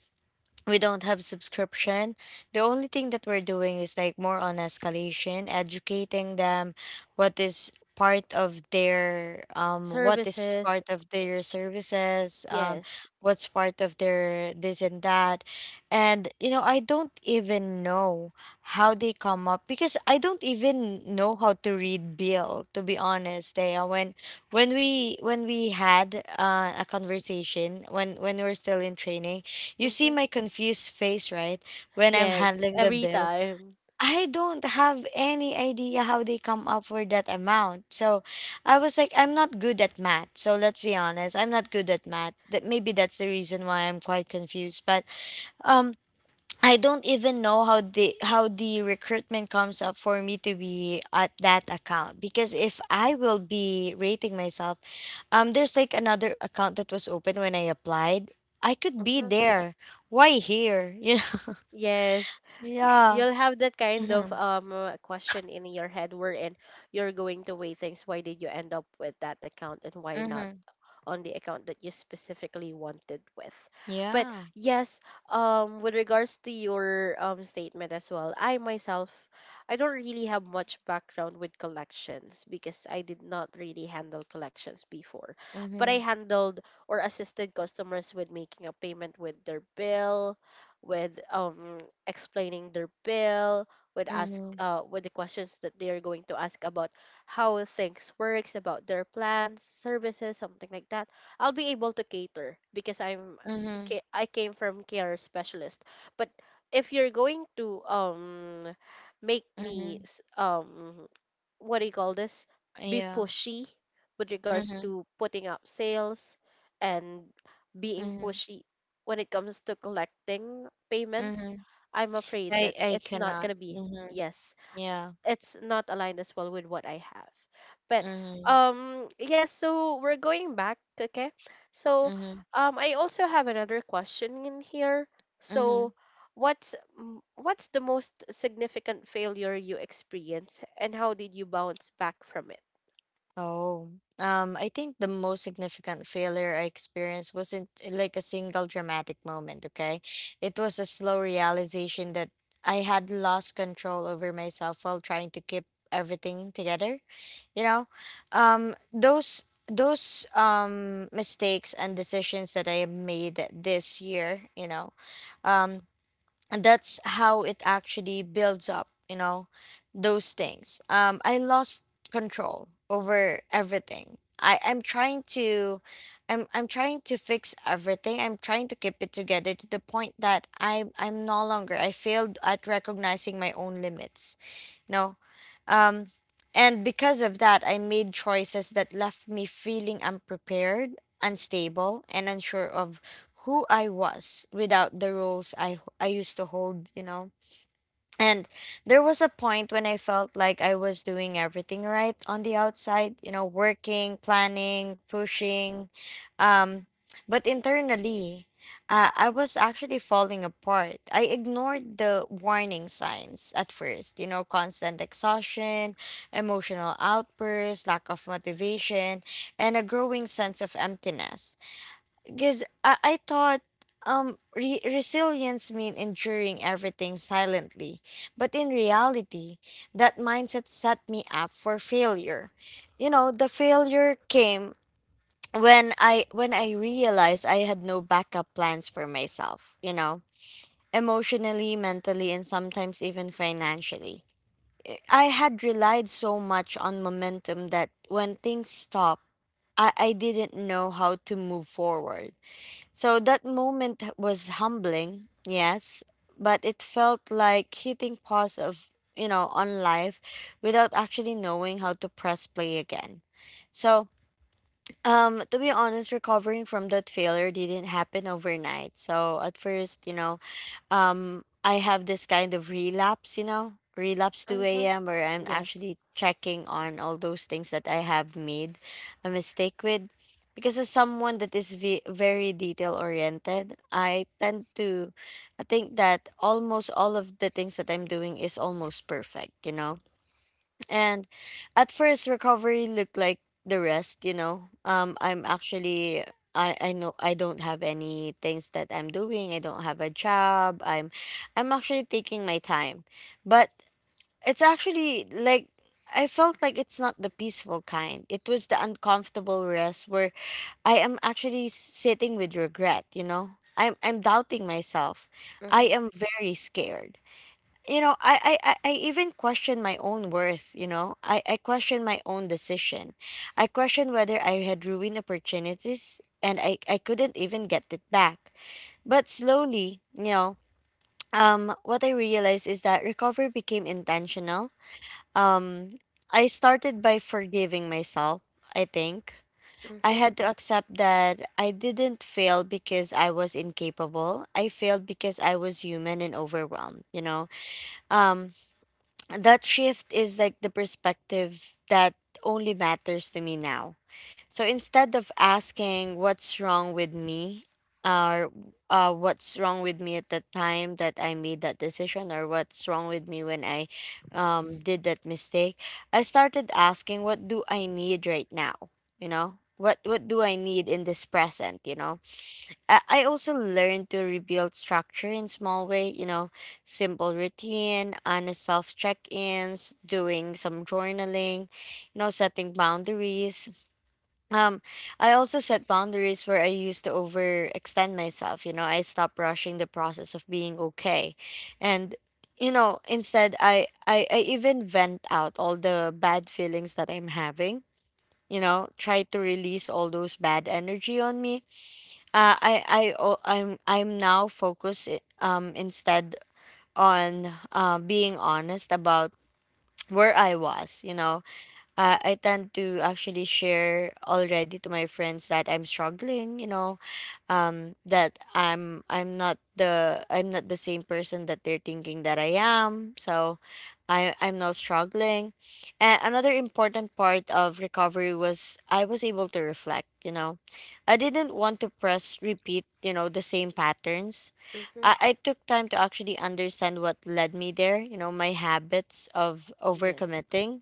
[SPEAKER 2] we don't have subscription. The only thing that we're doing is like more on escalation, educating them what is part of their um what is
[SPEAKER 1] Services.
[SPEAKER 2] part of their services, um
[SPEAKER 1] Yes.
[SPEAKER 2] what's part of their this and that. And you know, I don't even know how they come up, because I don't even know how to read bill, to be honest. They when when we when we had uh, a conversation, when when we we're still in training, you see
[SPEAKER 1] Mm-hmm.
[SPEAKER 2] my confused face, right? When I'm
[SPEAKER 1] Yes.
[SPEAKER 2] handling the
[SPEAKER 1] Every
[SPEAKER 2] bill,
[SPEAKER 1] time.
[SPEAKER 2] I don't have any idea how they come up for that amount. So I was like, I'm not good at math. So let's be honest, I'm not good at math. That maybe that's the reason why I'm quite confused. But um I don't even know how the how the recruitment comes up for me to be at that account, because if I will be rating myself, um, there's like another account that was open when I applied. I could be
[SPEAKER 1] Mm-hmm.
[SPEAKER 2] there. Why here? You know?
[SPEAKER 1] Yes. Y-
[SPEAKER 2] Yeah.
[SPEAKER 1] You'll have that kind of
[SPEAKER 2] Mm-hmm.
[SPEAKER 1] um uh, question in your head, wherein you're going to weigh things. Why did you end up with that account and why not
[SPEAKER 2] Mm-hmm.
[SPEAKER 1] on the account that you specifically wanted with. But
[SPEAKER 2] Yeah.
[SPEAKER 1] yes, um, with regards to your um, statement as well, I myself, I don't really have much background with collections because I did not really handle collections before. But
[SPEAKER 2] Mm-hmm.
[SPEAKER 1] I handled or assisted customers with making a payment with their bill, with um, explaining their bill, with ask
[SPEAKER 2] Mm-hmm.
[SPEAKER 1] uh, with the questions that they are going to ask about how things works, about their plans, services, something like that. I'll be able to cater because I'm
[SPEAKER 2] Mm-hmm.
[SPEAKER 1] ca- I came from care specialist. But if you're going to um make me
[SPEAKER 2] Mm-hmm.
[SPEAKER 1] s- um what do you call this, be
[SPEAKER 2] Yeah.
[SPEAKER 1] pushy with regards
[SPEAKER 2] Mm-hmm.
[SPEAKER 1] to putting up sales and being
[SPEAKER 2] Mm-hmm.
[SPEAKER 1] pushy when it comes to collecting payments.
[SPEAKER 2] Mm-hmm.
[SPEAKER 1] I'm afraid
[SPEAKER 2] I
[SPEAKER 1] that
[SPEAKER 2] I
[SPEAKER 1] it's not
[SPEAKER 2] cannot.
[SPEAKER 1] gonna be,
[SPEAKER 2] Mm-hmm.
[SPEAKER 1] yes,
[SPEAKER 2] Yeah.
[SPEAKER 1] it's not aligned as well with what I have. But
[SPEAKER 2] Mm-hmm.
[SPEAKER 1] um yes, so we're going back, okay? So
[SPEAKER 2] Mm-hmm.
[SPEAKER 1] um I also have another question in here.
[SPEAKER 2] Mm-hmm.
[SPEAKER 1] So what's m- what's the most significant failure you experienced and how did you bounce back from it?
[SPEAKER 2] Oh, um, I think the most significant failure I experienced wasn't eh, like a single dramatic moment, okay? It was a slow realization that I had lost control over myself while trying to keep everything together. You know, um, those those um mistakes and decisions that I have made this year, you know, um and that's how it actually builds up, you know, those things. um I lost control over everything. I i'm trying to i'm i'm trying to fix everything. I'm trying to keep it together to the point that i i'm no longer. I failed at recognizing my own limits. No. Um, and because of that, I made choices that left me feeling unprepared, unstable, and unsure of who I was without the roles I, I used to hold, you know. And there was a point when I felt like I was doing everything right on the outside, you know, working, planning, pushing. Um, but internally, uh, I was actually falling apart. I ignored the warning signs at first, you know, constant exhaustion, emotional outbursts, lack of motivation, and a growing sense of emptiness. Because I, I thought um re- resilience mean enduring everything silently, but in reality that mindset set me up for failure. You know, the failure came when i when i realized I had no backup plans for myself, you know, emotionally, mentally, and sometimes even financially. I had relied so much on momentum that when things stopped, i, I didn't know how to move forward. So that moment was humbling, yes, but it felt like hitting pause of, you know, on life without actually knowing how to press play again. So, um to be honest, recovering from that failure didn't happen overnight. So, at first, you know, um I have this kind of relapse, you know, relapse 2
[SPEAKER 1] Mm-hmm.
[SPEAKER 2] a.m. where I'm
[SPEAKER 1] Yes.
[SPEAKER 2] actually checking on all those things that I have made a mistake with. Because as someone that is ve- very detail oriented, I tend to I think that almost all of the things that I'm doing is almost perfect, you know, and at first, recovery looked like the rest, you know. Um, I'm actually, I, I know I don't have any things that I'm doing. I don't have a job. I'm, I'm actually taking my time, but it's actually like I felt like it's not the peaceful kind. It was the uncomfortable rest where I am actually sitting with regret, you know. I'm I'm doubting myself. I
[SPEAKER 1] Mm-hmm.
[SPEAKER 2] am very scared, you know. I, I i I even question my own worth, you know. I i question my own decision. I question whether I had ruined opportunities and i i couldn't even get it back. But slowly, you know, um what I realized is that recovery became intentional. um I started by forgiving myself. I think I
[SPEAKER 1] Mm-hmm.
[SPEAKER 2] had to accept that I didn't fail because I was incapable. I failed because I was human and overwhelmed, you know. um that shift is like the perspective that only matters to me now. So instead of asking what's wrong with me, or uh, what's wrong with me at the time that I made that decision, or what's wrong with me when I um, did that mistake, I started asking, what do I need right now? You know? What what do I need in this present, you know? I I also learned to rebuild structure in small way, you know, simple routine, honest self check-ins, doing some journaling, you know, setting boundaries. Um, I also set boundaries where I used to overextend myself, you know, I stopped rushing the process of being okay. And, you know, instead I, I I even vent out all the bad feelings that I'm having, you know, try to release all those bad energy on me. Uh, I I o- I'm I'm now focused i- um instead on uh, being honest about where I was. You know, uh, I tend to actually share already to my friends that I'm struggling. You know, um that i'm i'm not the i'm not the same person that they're thinking that I am, so i i'm not struggling. And another important part of recovery was I was able to reflect, you know. I didn't want to press repeat, you know, the same patterns.
[SPEAKER 1] Mm-hmm.
[SPEAKER 2] I, I took time to actually understand what led me there, you know, my habits of
[SPEAKER 1] Yes.
[SPEAKER 2] overcommitting,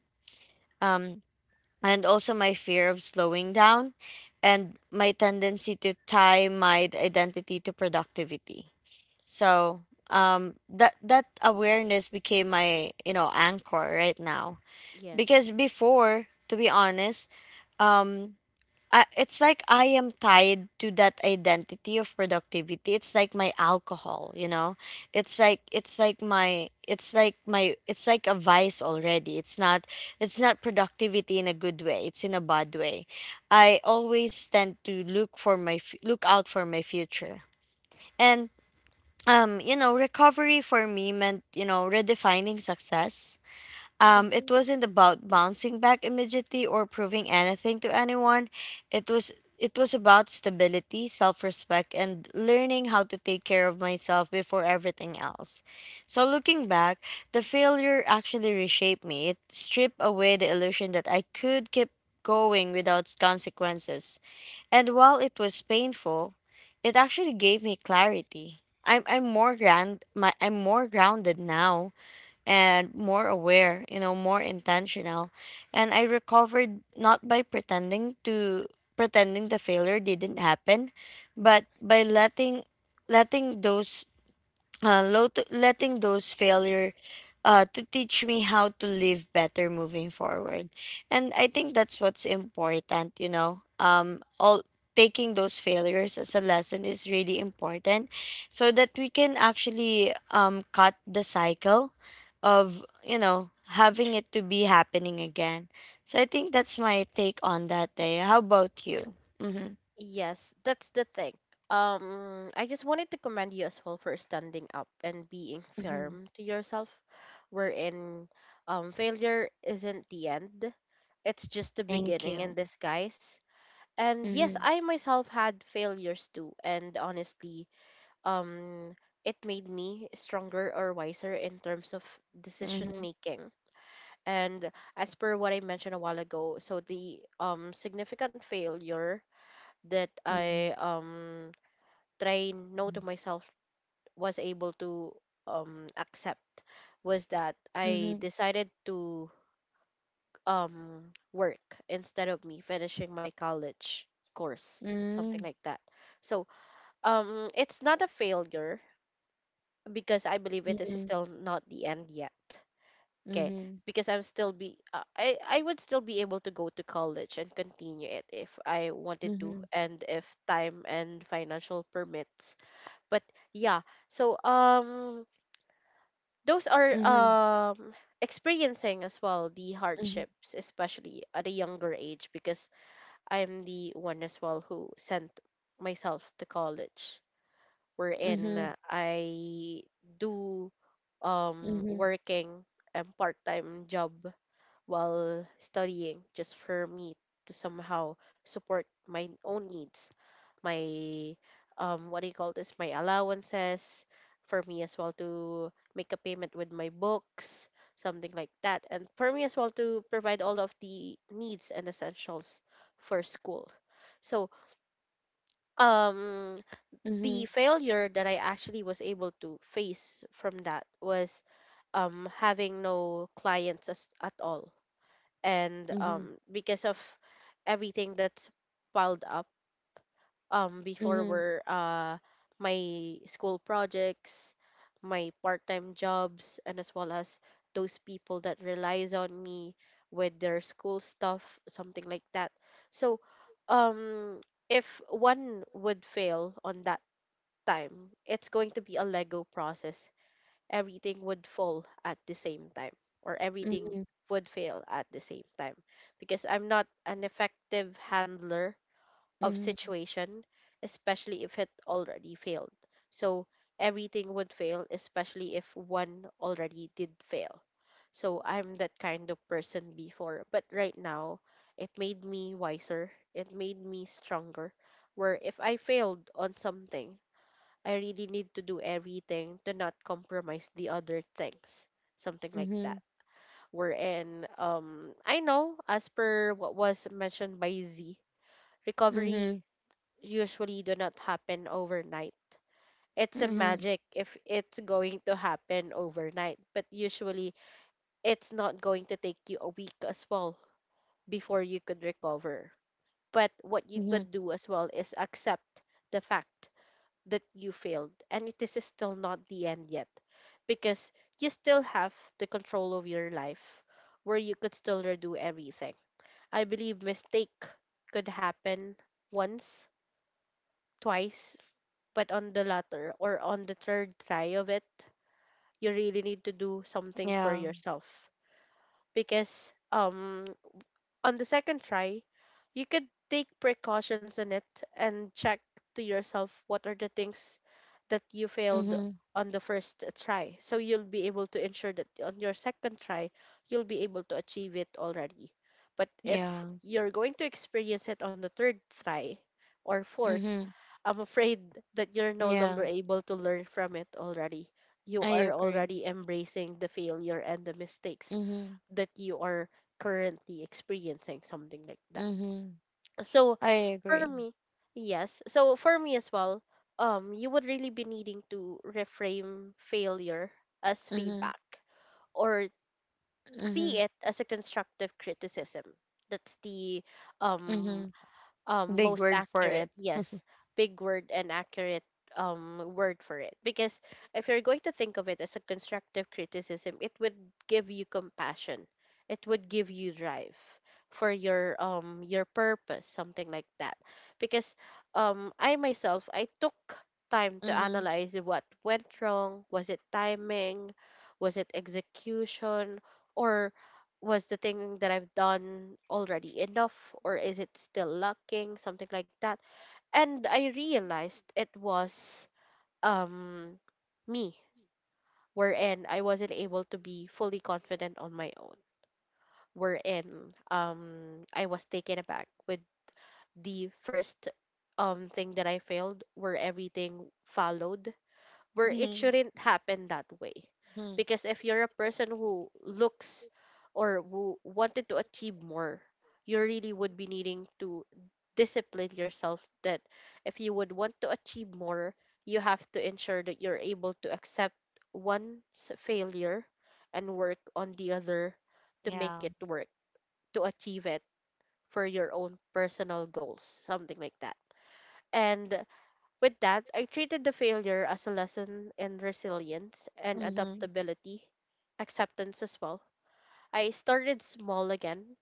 [SPEAKER 2] um and also my fear of slowing down, and my tendency to tie my identity to productivity. So, um that that awareness became my, you know, anchor right now. Because
[SPEAKER 1] Yes.
[SPEAKER 2] before, to be honest, um uh, it's like I am tied to that identity of productivity. It's like my alcohol, you know. It's like it's like my it's like my it's like a vice already. It's not it's not productivity in a good way. It's in a bad way. I always tend to look for my f- look out for my future. And, um, you know, recovery for me meant, you know, redefining success. Um, it
[SPEAKER 1] Mm-hmm.
[SPEAKER 2] wasn't about bouncing back immediately or proving anything to anyone. It was it was about stability, self-respect, and learning how to take care of myself before everything else. So looking back, the failure actually reshaped me. It stripped away the illusion that I could keep going without consequences. And while it was painful, it actually gave me clarity. I'm I'm more grand my I'm more grounded now and more aware, you know, more intentional. And I recovered not by pretending to pretending the failure didn't happen, but by letting letting those uh, lot- letting those failure uh, to teach me how to live better moving forward. And I think that's what's important, you know. Um all Taking those failures as a lesson is really important, so that we can actually um cut the cycle of, you know, having it to be happening again. So I think that's my take on that day. How about you? Mm-hmm.
[SPEAKER 1] Yes, that's the thing. Um, I just wanted to commend you as well for standing up and being
[SPEAKER 2] Mm-hmm.
[SPEAKER 1] firm to yourself, wherein um, failure isn't the end, it's just the
[SPEAKER 2] Thank
[SPEAKER 1] beginning in
[SPEAKER 2] you.
[SPEAKER 1] disguise. And yes,
[SPEAKER 2] Mm-hmm.
[SPEAKER 1] I myself had failures too, and honestly, um, it made me stronger or wiser in terms of decision
[SPEAKER 2] Mm-hmm.
[SPEAKER 1] making. And as per what I mentioned a while ago, so the um significant failure that
[SPEAKER 2] Mm-hmm.
[SPEAKER 1] I um train no to myself was able to um accept was that I decided to um work instead of me finishing my college course, something
[SPEAKER 2] Mm,
[SPEAKER 1] like that. So um it's not a failure because I believe it is
[SPEAKER 2] mhm,
[SPEAKER 1] still not the end yet, okay,
[SPEAKER 2] mhm,
[SPEAKER 1] because I'm still be uh, I I would still be able to go to college and continue it if I wanted to
[SPEAKER 2] mhm,
[SPEAKER 1] and if time and financial permits. But yeah, so um those are
[SPEAKER 2] mhm,
[SPEAKER 1] um experiencing as well the
[SPEAKER 2] mhm,
[SPEAKER 1] hardships, especially at a younger age, because I am the one as well who sent myself to college, wherein
[SPEAKER 2] mhm,
[SPEAKER 1] uh, I do um
[SPEAKER 2] mhm,
[SPEAKER 1] working a part-time job while studying, just for me to somehow support my own needs, my um what do you call this, my allowances, for me as well to make a payment with my books, something like that, and for me as well to provide all of the needs and essentials for school. So um the
[SPEAKER 2] mhm,
[SPEAKER 1] failure that I actually was able to face from that was um having no clients as, at all, and
[SPEAKER 2] mhm,
[SPEAKER 1] um because of everything that's piled up um
[SPEAKER 2] mhm,
[SPEAKER 1] before
[SPEAKER 2] mhm,
[SPEAKER 1] were uh my school projects, my part-time jobs, and as well as those people that relies on me with their school stuff, something like that. So, um, if one would fail on that time, it's going to be a Lego process. Everything would fall at the same time, or everything
[SPEAKER 2] mhm,
[SPEAKER 1] would fail at the same time, because I'm not an effective handler of situation, especially if it already failed. So everything would fail, especially if one already did fail. So I'm that kind of person before, but right now it made me wiser, it made me stronger. Where if I failed on something, I really need to do everything to not compromise the other things, something like that.
[SPEAKER 2] mhm,
[SPEAKER 1] Wherein, um, I know as per what was mentioned by Z, recovery
[SPEAKER 2] mhm,
[SPEAKER 1] usually do not happen overnight. It's a
[SPEAKER 2] mhm,
[SPEAKER 1] magic if it's going to happen overnight, but usually it's not going to take you a week as well before you could recover. But what you
[SPEAKER 2] mhm.
[SPEAKER 1] could do as well is accept the fact that you failed and it is still not the end yet, because you still have the control of your life where you could still redo everything. I believe mistake could happen once, twice, but on the latter or on the third try of it, you really need to do something for
[SPEAKER 2] Yeah.
[SPEAKER 1] yourself, because um on the second try, you could take precautions in it and check to yourself what are the things that you failed
[SPEAKER 2] Mhm.
[SPEAKER 1] on the first try. So you'll be able to ensure that on your second try, you'll be able to achieve it already. But if
[SPEAKER 2] Yeah.
[SPEAKER 1] you're going to experience it on the third try or fourth,
[SPEAKER 2] Mhm.
[SPEAKER 1] I'm afraid that you're no longer
[SPEAKER 2] Yeah.
[SPEAKER 1] able to learn from it already. You
[SPEAKER 2] I
[SPEAKER 1] are
[SPEAKER 2] agree.
[SPEAKER 1] already embracing the failure and the mistakes
[SPEAKER 2] Mhm.
[SPEAKER 1] that you are currently experiencing, something like that.
[SPEAKER 2] Mhm.
[SPEAKER 1] So,
[SPEAKER 2] I
[SPEAKER 1] for
[SPEAKER 2] agree.
[SPEAKER 1] me, yes. So, for me as well, um, you would really be needing to reframe failure as
[SPEAKER 2] Mhm.
[SPEAKER 1] feedback, or see
[SPEAKER 2] Mhm.
[SPEAKER 1] it as a constructive criticism. That's the um
[SPEAKER 2] Mhm.
[SPEAKER 1] um
[SPEAKER 2] Big
[SPEAKER 1] most
[SPEAKER 2] word for
[SPEAKER 1] accurate,
[SPEAKER 2] it.
[SPEAKER 1] yes, big word and accurate um word for it, because if you're going to think of it as a constructive criticism, it would give you compassion, it would give you drive for your um your purpose, something like that. Because um I myself, I took time to
[SPEAKER 2] Mhm.
[SPEAKER 1] analyze what went wrong. Was it timing, was it execution, or was the thing that I've done already enough, or is it still lacking, something like that? And I realized it was um me, wherein I wasn't able to be fully confident on my own, wherein um I was taken aback with the first um thing that I failed, where everything followed where it
[SPEAKER 2] Mhm.
[SPEAKER 1] shouldn't happen that way.
[SPEAKER 2] Mhm.
[SPEAKER 1] Because if you're a person who looks or who wanted to achieve more, you really would be needing to discipline yourself that if you would want to achieve more, you have to ensure that you're able to accept one's failure and work on the other to make
[SPEAKER 2] Yeah.
[SPEAKER 1] it work, to achieve it for your own personal goals, something like that. And with that, I treated the failure as a lesson in resilience and
[SPEAKER 2] Mhm.
[SPEAKER 1] adaptability, acceptance as well. I started small again,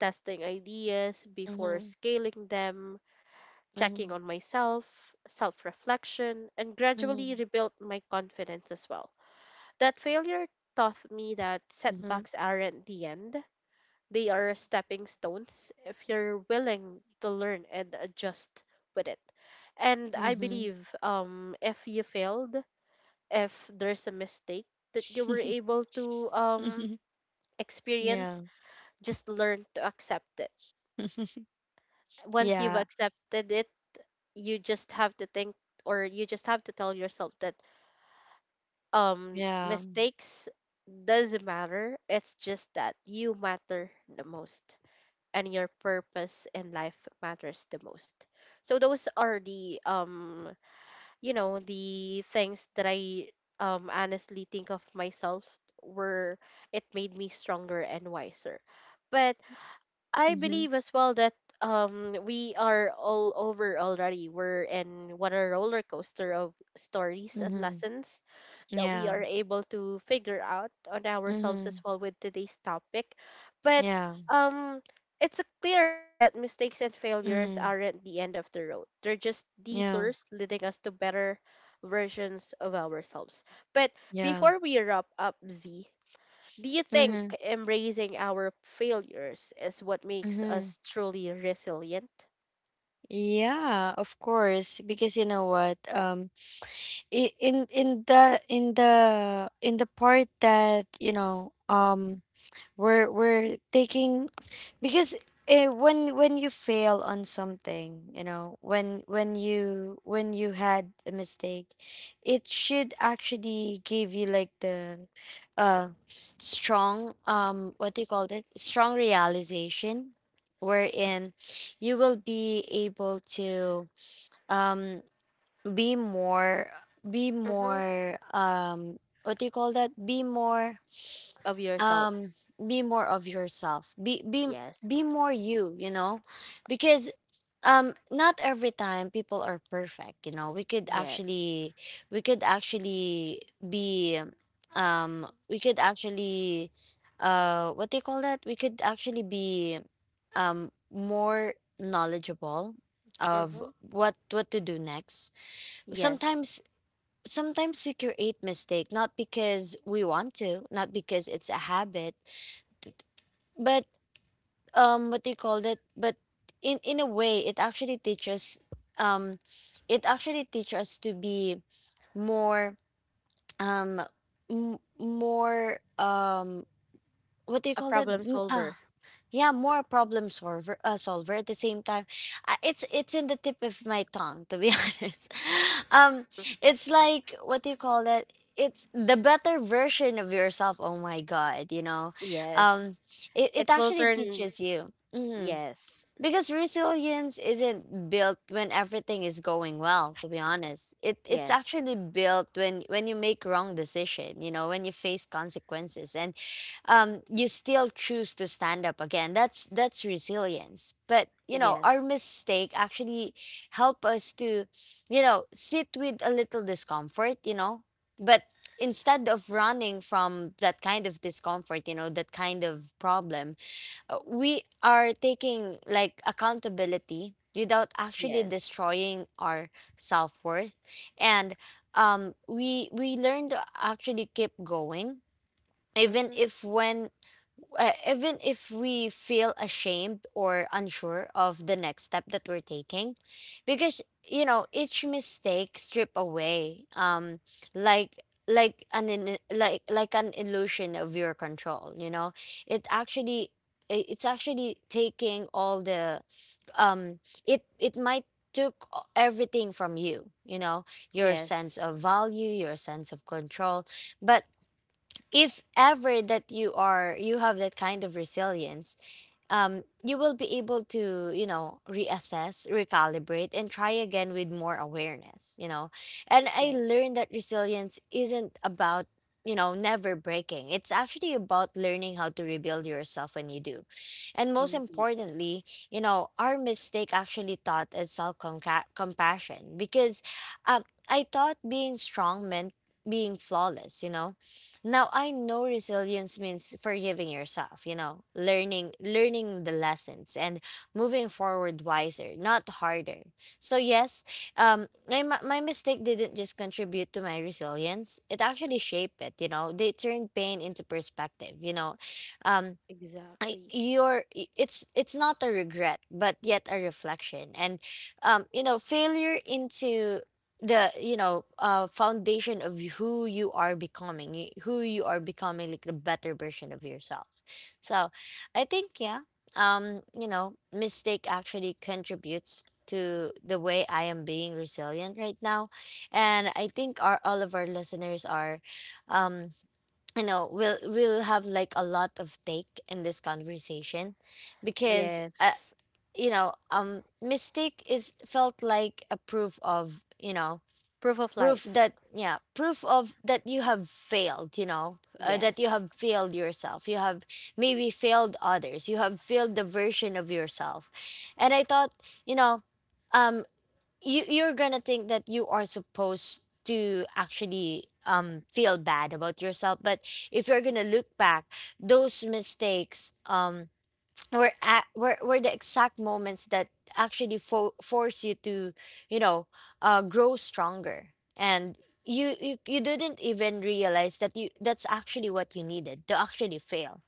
[SPEAKER 1] testing ideas before
[SPEAKER 2] Mhm.
[SPEAKER 1] scaling them, checking
[SPEAKER 2] Mhm.
[SPEAKER 1] on myself, self reflection, and gradually
[SPEAKER 2] Mhm,
[SPEAKER 1] rebuilt my confidence as well. That failure taught me that
[SPEAKER 2] mhm,
[SPEAKER 1] setbacks aren't the end, they are stepping stones if you're willing to learn and adjust with it. And I
[SPEAKER 2] mhm.
[SPEAKER 1] believe um if you failed, if there's a mistake that you were able to um
[SPEAKER 2] Mhm.
[SPEAKER 1] experience,
[SPEAKER 2] Yeah.
[SPEAKER 1] just learn to accept it. Once you've
[SPEAKER 2] Yeah,
[SPEAKER 1] accepted it, you just have to think, or you just have to tell yourself that um
[SPEAKER 2] yeah.
[SPEAKER 1] mistakes doesn't matter. It's just that you matter the most, and your purpose in life matters the most. So those are the um you know, the things that I um honestly think of myself, were it made me stronger and wiser. But I
[SPEAKER 2] Mhm,
[SPEAKER 1] believe as well that um we are all over already. We're in what a roller coaster of stories and
[SPEAKER 2] mhm.
[SPEAKER 1] lessons that we
[SPEAKER 2] Yeah.
[SPEAKER 1] are able to figure out on ourselves as
[SPEAKER 2] Mhm.
[SPEAKER 1] well with today's topic. But
[SPEAKER 2] Yeah.
[SPEAKER 1] um it's uh, clear that mistakes and failures
[SPEAKER 2] Mhm.
[SPEAKER 1] aren't the end of the road. They're just
[SPEAKER 2] Yeah.
[SPEAKER 1] detours leading us to better versions of ourselves. But
[SPEAKER 2] Yeah.
[SPEAKER 1] before we wrap up, Z, do you think
[SPEAKER 2] Mhm.
[SPEAKER 1] embracing our failures is what makes
[SPEAKER 2] Mhm.
[SPEAKER 1] us truly resilient?
[SPEAKER 2] Yeah, of course, because you know what? Um i- in in the in the in the part that, you know, um we're we're taking, because uh, when when you fail on something, you know, when when you when you had a mistake, it should actually give you like the uh strong, um what do you call it, strong realization, wherein you will be able to um be more be
[SPEAKER 1] Mm-hmm.
[SPEAKER 2] more um what do you call that, be more
[SPEAKER 1] Of yourself.
[SPEAKER 2] um be more of yourself. Be be
[SPEAKER 1] Yes.
[SPEAKER 2] be more you, you know. Because um not every time people are perfect, you know. we could
[SPEAKER 1] Yes.
[SPEAKER 2] actually we could actually be um we could actually uh what do you call that, we could actually be um more knowledgeable of
[SPEAKER 1] Mm-hmm.
[SPEAKER 2] what what to do next.
[SPEAKER 1] Yes.
[SPEAKER 2] Sometimes sometimes we create mistake, not because we want to, not because it's a habit, but um what do you call that, but in in a way it actually teaches um it actually teaches us to be more, um m- more um what do you
[SPEAKER 1] A
[SPEAKER 2] call that,
[SPEAKER 1] problem
[SPEAKER 2] M- uh,
[SPEAKER 1] solver.
[SPEAKER 2] yeah, more problem solver, uh, solver at the same time. uh, it's it's in the tip of my tongue to be honest. um it's like, what do you call that, it's the better version of yourself. Oh my god, you know.
[SPEAKER 1] Yes.
[SPEAKER 2] um it,
[SPEAKER 1] It
[SPEAKER 2] it
[SPEAKER 1] will
[SPEAKER 2] actually
[SPEAKER 1] turn.
[SPEAKER 2] teaches you. Mhm.
[SPEAKER 1] Yes.
[SPEAKER 2] Because resilience isn't built when everything is going well, to be honest. It it's
[SPEAKER 1] Yes.
[SPEAKER 2] actually built when when you make wrong decision, you know, when you face consequences, and um you still choose to stand up again. That's that's resilience. But, you know,
[SPEAKER 1] Yes.
[SPEAKER 2] our mistake actually help us to, you know, sit with a little discomfort, you know. But instead of running from that kind of discomfort, you know, that kind of problem, uh, we are taking like accountability without actually
[SPEAKER 1] Yes.
[SPEAKER 2] destroying our self-worth. And um we we learn to actually keep going,
[SPEAKER 1] Mm-hmm.
[SPEAKER 2] even if, when uh, even if we feel ashamed or unsure of the next step that we're taking, because, you know, each mistake strip away, um like, like an in, like like an illusion of your control, you know. It actually i- it's actually taking all the, um it it might took o- everything from you, you know. Your
[SPEAKER 1] Yes.
[SPEAKER 2] sense of value, your sense of control. But if ever that you are you have that kind of resilience, um you will be able to, you know, reassess, recalibrate, and try again with more awareness, you know. And I
[SPEAKER 1] Yes.
[SPEAKER 2] learned that resilience isn't about, you know, never breaking. It's actually about learning how to rebuild yourself when you do. And most
[SPEAKER 1] Indeed.
[SPEAKER 2] importantly, you know, our mistake actually taught us self compassion, because um I thought being strong meant being flawless, you know. Now I know resilience means forgiving yourself, you know, learning learning the lessons, and moving forward wiser, not harder. So yes, um my, my my mistake didn't just contribute to my resilience. It actually shaped it, you know. They turned pain into perspective, you know. Um I
[SPEAKER 1] Exactly.
[SPEAKER 2] you're i- it's it's not a regret, but yet a reflection. And um you know, failure into the, you know, uh foundation of who you are becoming y- who you are becoming, like the better version of yourself. So I think, yeah, um you know, mistake actually contributes to the way I am being resilient right now. And I think our all of our listeners are, um I know we'll we'll have like a lot of take in this conversation, because, uh,
[SPEAKER 1] Yes.
[SPEAKER 2] you know, um mistake is felt like a proof of, you know,
[SPEAKER 1] Proof of
[SPEAKER 2] proof
[SPEAKER 1] life.
[SPEAKER 2] that, yeah, proof of that you have failed, you know, uh, that you
[SPEAKER 1] Yes.
[SPEAKER 2] have failed yourself. You have maybe failed others. You have failed the version of yourself. And I thought, you know, um you you're gonna think that you are supposed to actually um feel bad about yourself. But if you're gonna look back, those mistakes, um were at, were, were the exact moments that actually fo- force you to, you know, uh grow stronger. And you, you you didn't even realize that you that's actually what you needed to actually fail.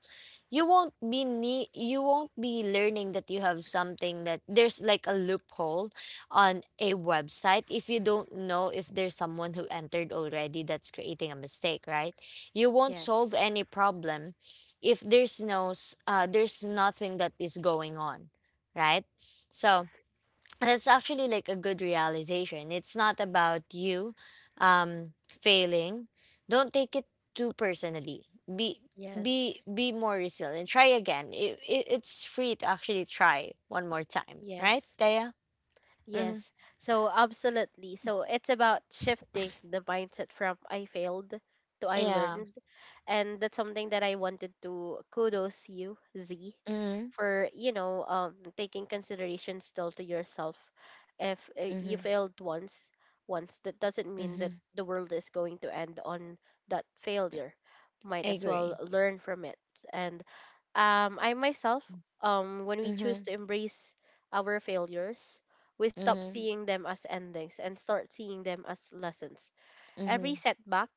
[SPEAKER 2] You won't be ne- you won't be learning that you have something, that there's like a loophole on a website, if you don't know, if there's someone who entered already that's creating a mistake, right. You won't solve
[SPEAKER 1] Yes.
[SPEAKER 2] any problem if there's no s- uh, there's nothing that is going on, right. So that's actually like a good realization. It's not about you um failing. Don't take it too personally. Be be
[SPEAKER 1] Yes.
[SPEAKER 2] be more resilient. Try again. It, it it's free to actually try one more time, right,
[SPEAKER 1] Yes.
[SPEAKER 2] Daya? Mm-hmm.
[SPEAKER 1] Yes. So absolutely. So it's about shifting the mindset from I failed to I
[SPEAKER 2] Yeah.
[SPEAKER 1] learned. And that's something that I wanted to kudos you, Z,
[SPEAKER 2] Mm-hmm.
[SPEAKER 1] for, you know, um taking consideration still to yourself. If uh, you
[SPEAKER 2] Mm-hmm.
[SPEAKER 1] failed once, once, that doesn't mean that
[SPEAKER 2] Mm-hmm.
[SPEAKER 1] the world is going to end on that failure. Might
[SPEAKER 2] I
[SPEAKER 1] as well
[SPEAKER 2] agree.
[SPEAKER 1] learn from it. And um I myself, um when we choose
[SPEAKER 2] Mm-hmm.
[SPEAKER 1] to embrace our failures, we stop
[SPEAKER 2] Mm-hmm.
[SPEAKER 1] seeing them as endings and start seeing them as lessons. Every
[SPEAKER 2] Mm-hmm.
[SPEAKER 1] setback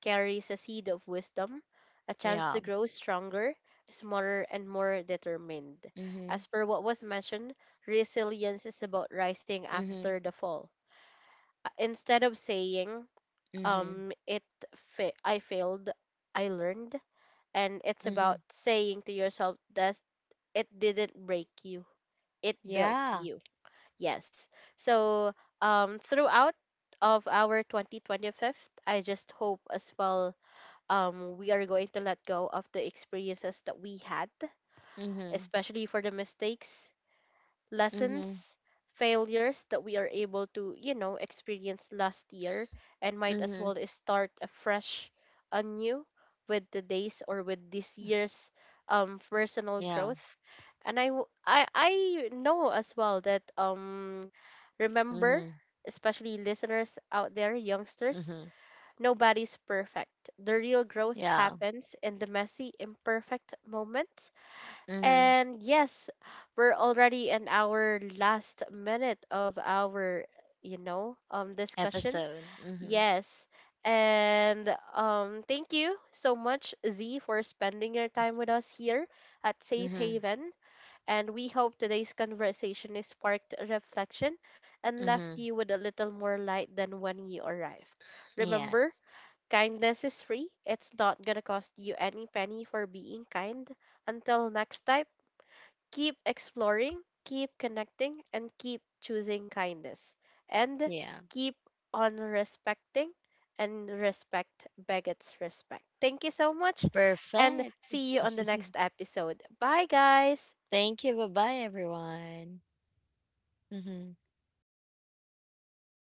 [SPEAKER 1] carries a seed of wisdom, a chance to
[SPEAKER 2] Yeah.
[SPEAKER 1] grow stronger, smarter, and more determined.
[SPEAKER 2] Mm-hmm.
[SPEAKER 1] As per what was mentioned, resilience is about rising
[SPEAKER 2] Mm-hmm.
[SPEAKER 1] after the fall. Uh, Instead of saying,
[SPEAKER 2] Mm-hmm.
[SPEAKER 1] um, it fa- I failed, I learned, and it's
[SPEAKER 2] Mm-hmm.
[SPEAKER 1] about saying to yourself that it didn't break you, it built
[SPEAKER 2] Yeah.
[SPEAKER 1] you. Yes. So um, throughout of our twenty twenty fifth, I just hope as well um, we are going to let go of the experiences that we had,
[SPEAKER 2] Mm-hmm.
[SPEAKER 1] especially for the mistakes,
[SPEAKER 2] Mm-hmm.
[SPEAKER 1] lessons, failures that we are able to, you know, experience last year, and might as
[SPEAKER 2] Mm-hmm.
[SPEAKER 1] well start afresh anew with today's or with this year's um, personal
[SPEAKER 2] Yeah.
[SPEAKER 1] growth. And I, w- I, I know as well that um, remember,
[SPEAKER 2] Mm-hmm.
[SPEAKER 1] especially listeners out there, youngsters,
[SPEAKER 2] Mm-hmm.
[SPEAKER 1] nobody's perfect. The real growth
[SPEAKER 2] Yeah.
[SPEAKER 1] happens in the messy, imperfect moments.
[SPEAKER 2] Mhm.
[SPEAKER 1] And yes, we're already in our last minute of our, you know, um discussion.
[SPEAKER 2] Episode. Mhm.
[SPEAKER 1] Yes. And um thank you so much, Z, for spending your time with us here at Safe
[SPEAKER 2] Mhm.
[SPEAKER 1] Haven. And we hope today's conversation is sparked reflection and left
[SPEAKER 2] Mhm.
[SPEAKER 1] you with a little more light than when you arrived. Remember,
[SPEAKER 2] Yes.
[SPEAKER 1] kindness is free. It's not gonna cost you any penny for being kind. Until next time, keep exploring, keep connecting, and keep choosing kindness. And
[SPEAKER 2] Yeah.
[SPEAKER 1] keep on respecting, and respect begets respect. Thank you so much, and
[SPEAKER 2] Perfect.
[SPEAKER 1] see you on the next episode. Bye, guys.
[SPEAKER 2] Thank you. Bye-bye, everyone. Mhm.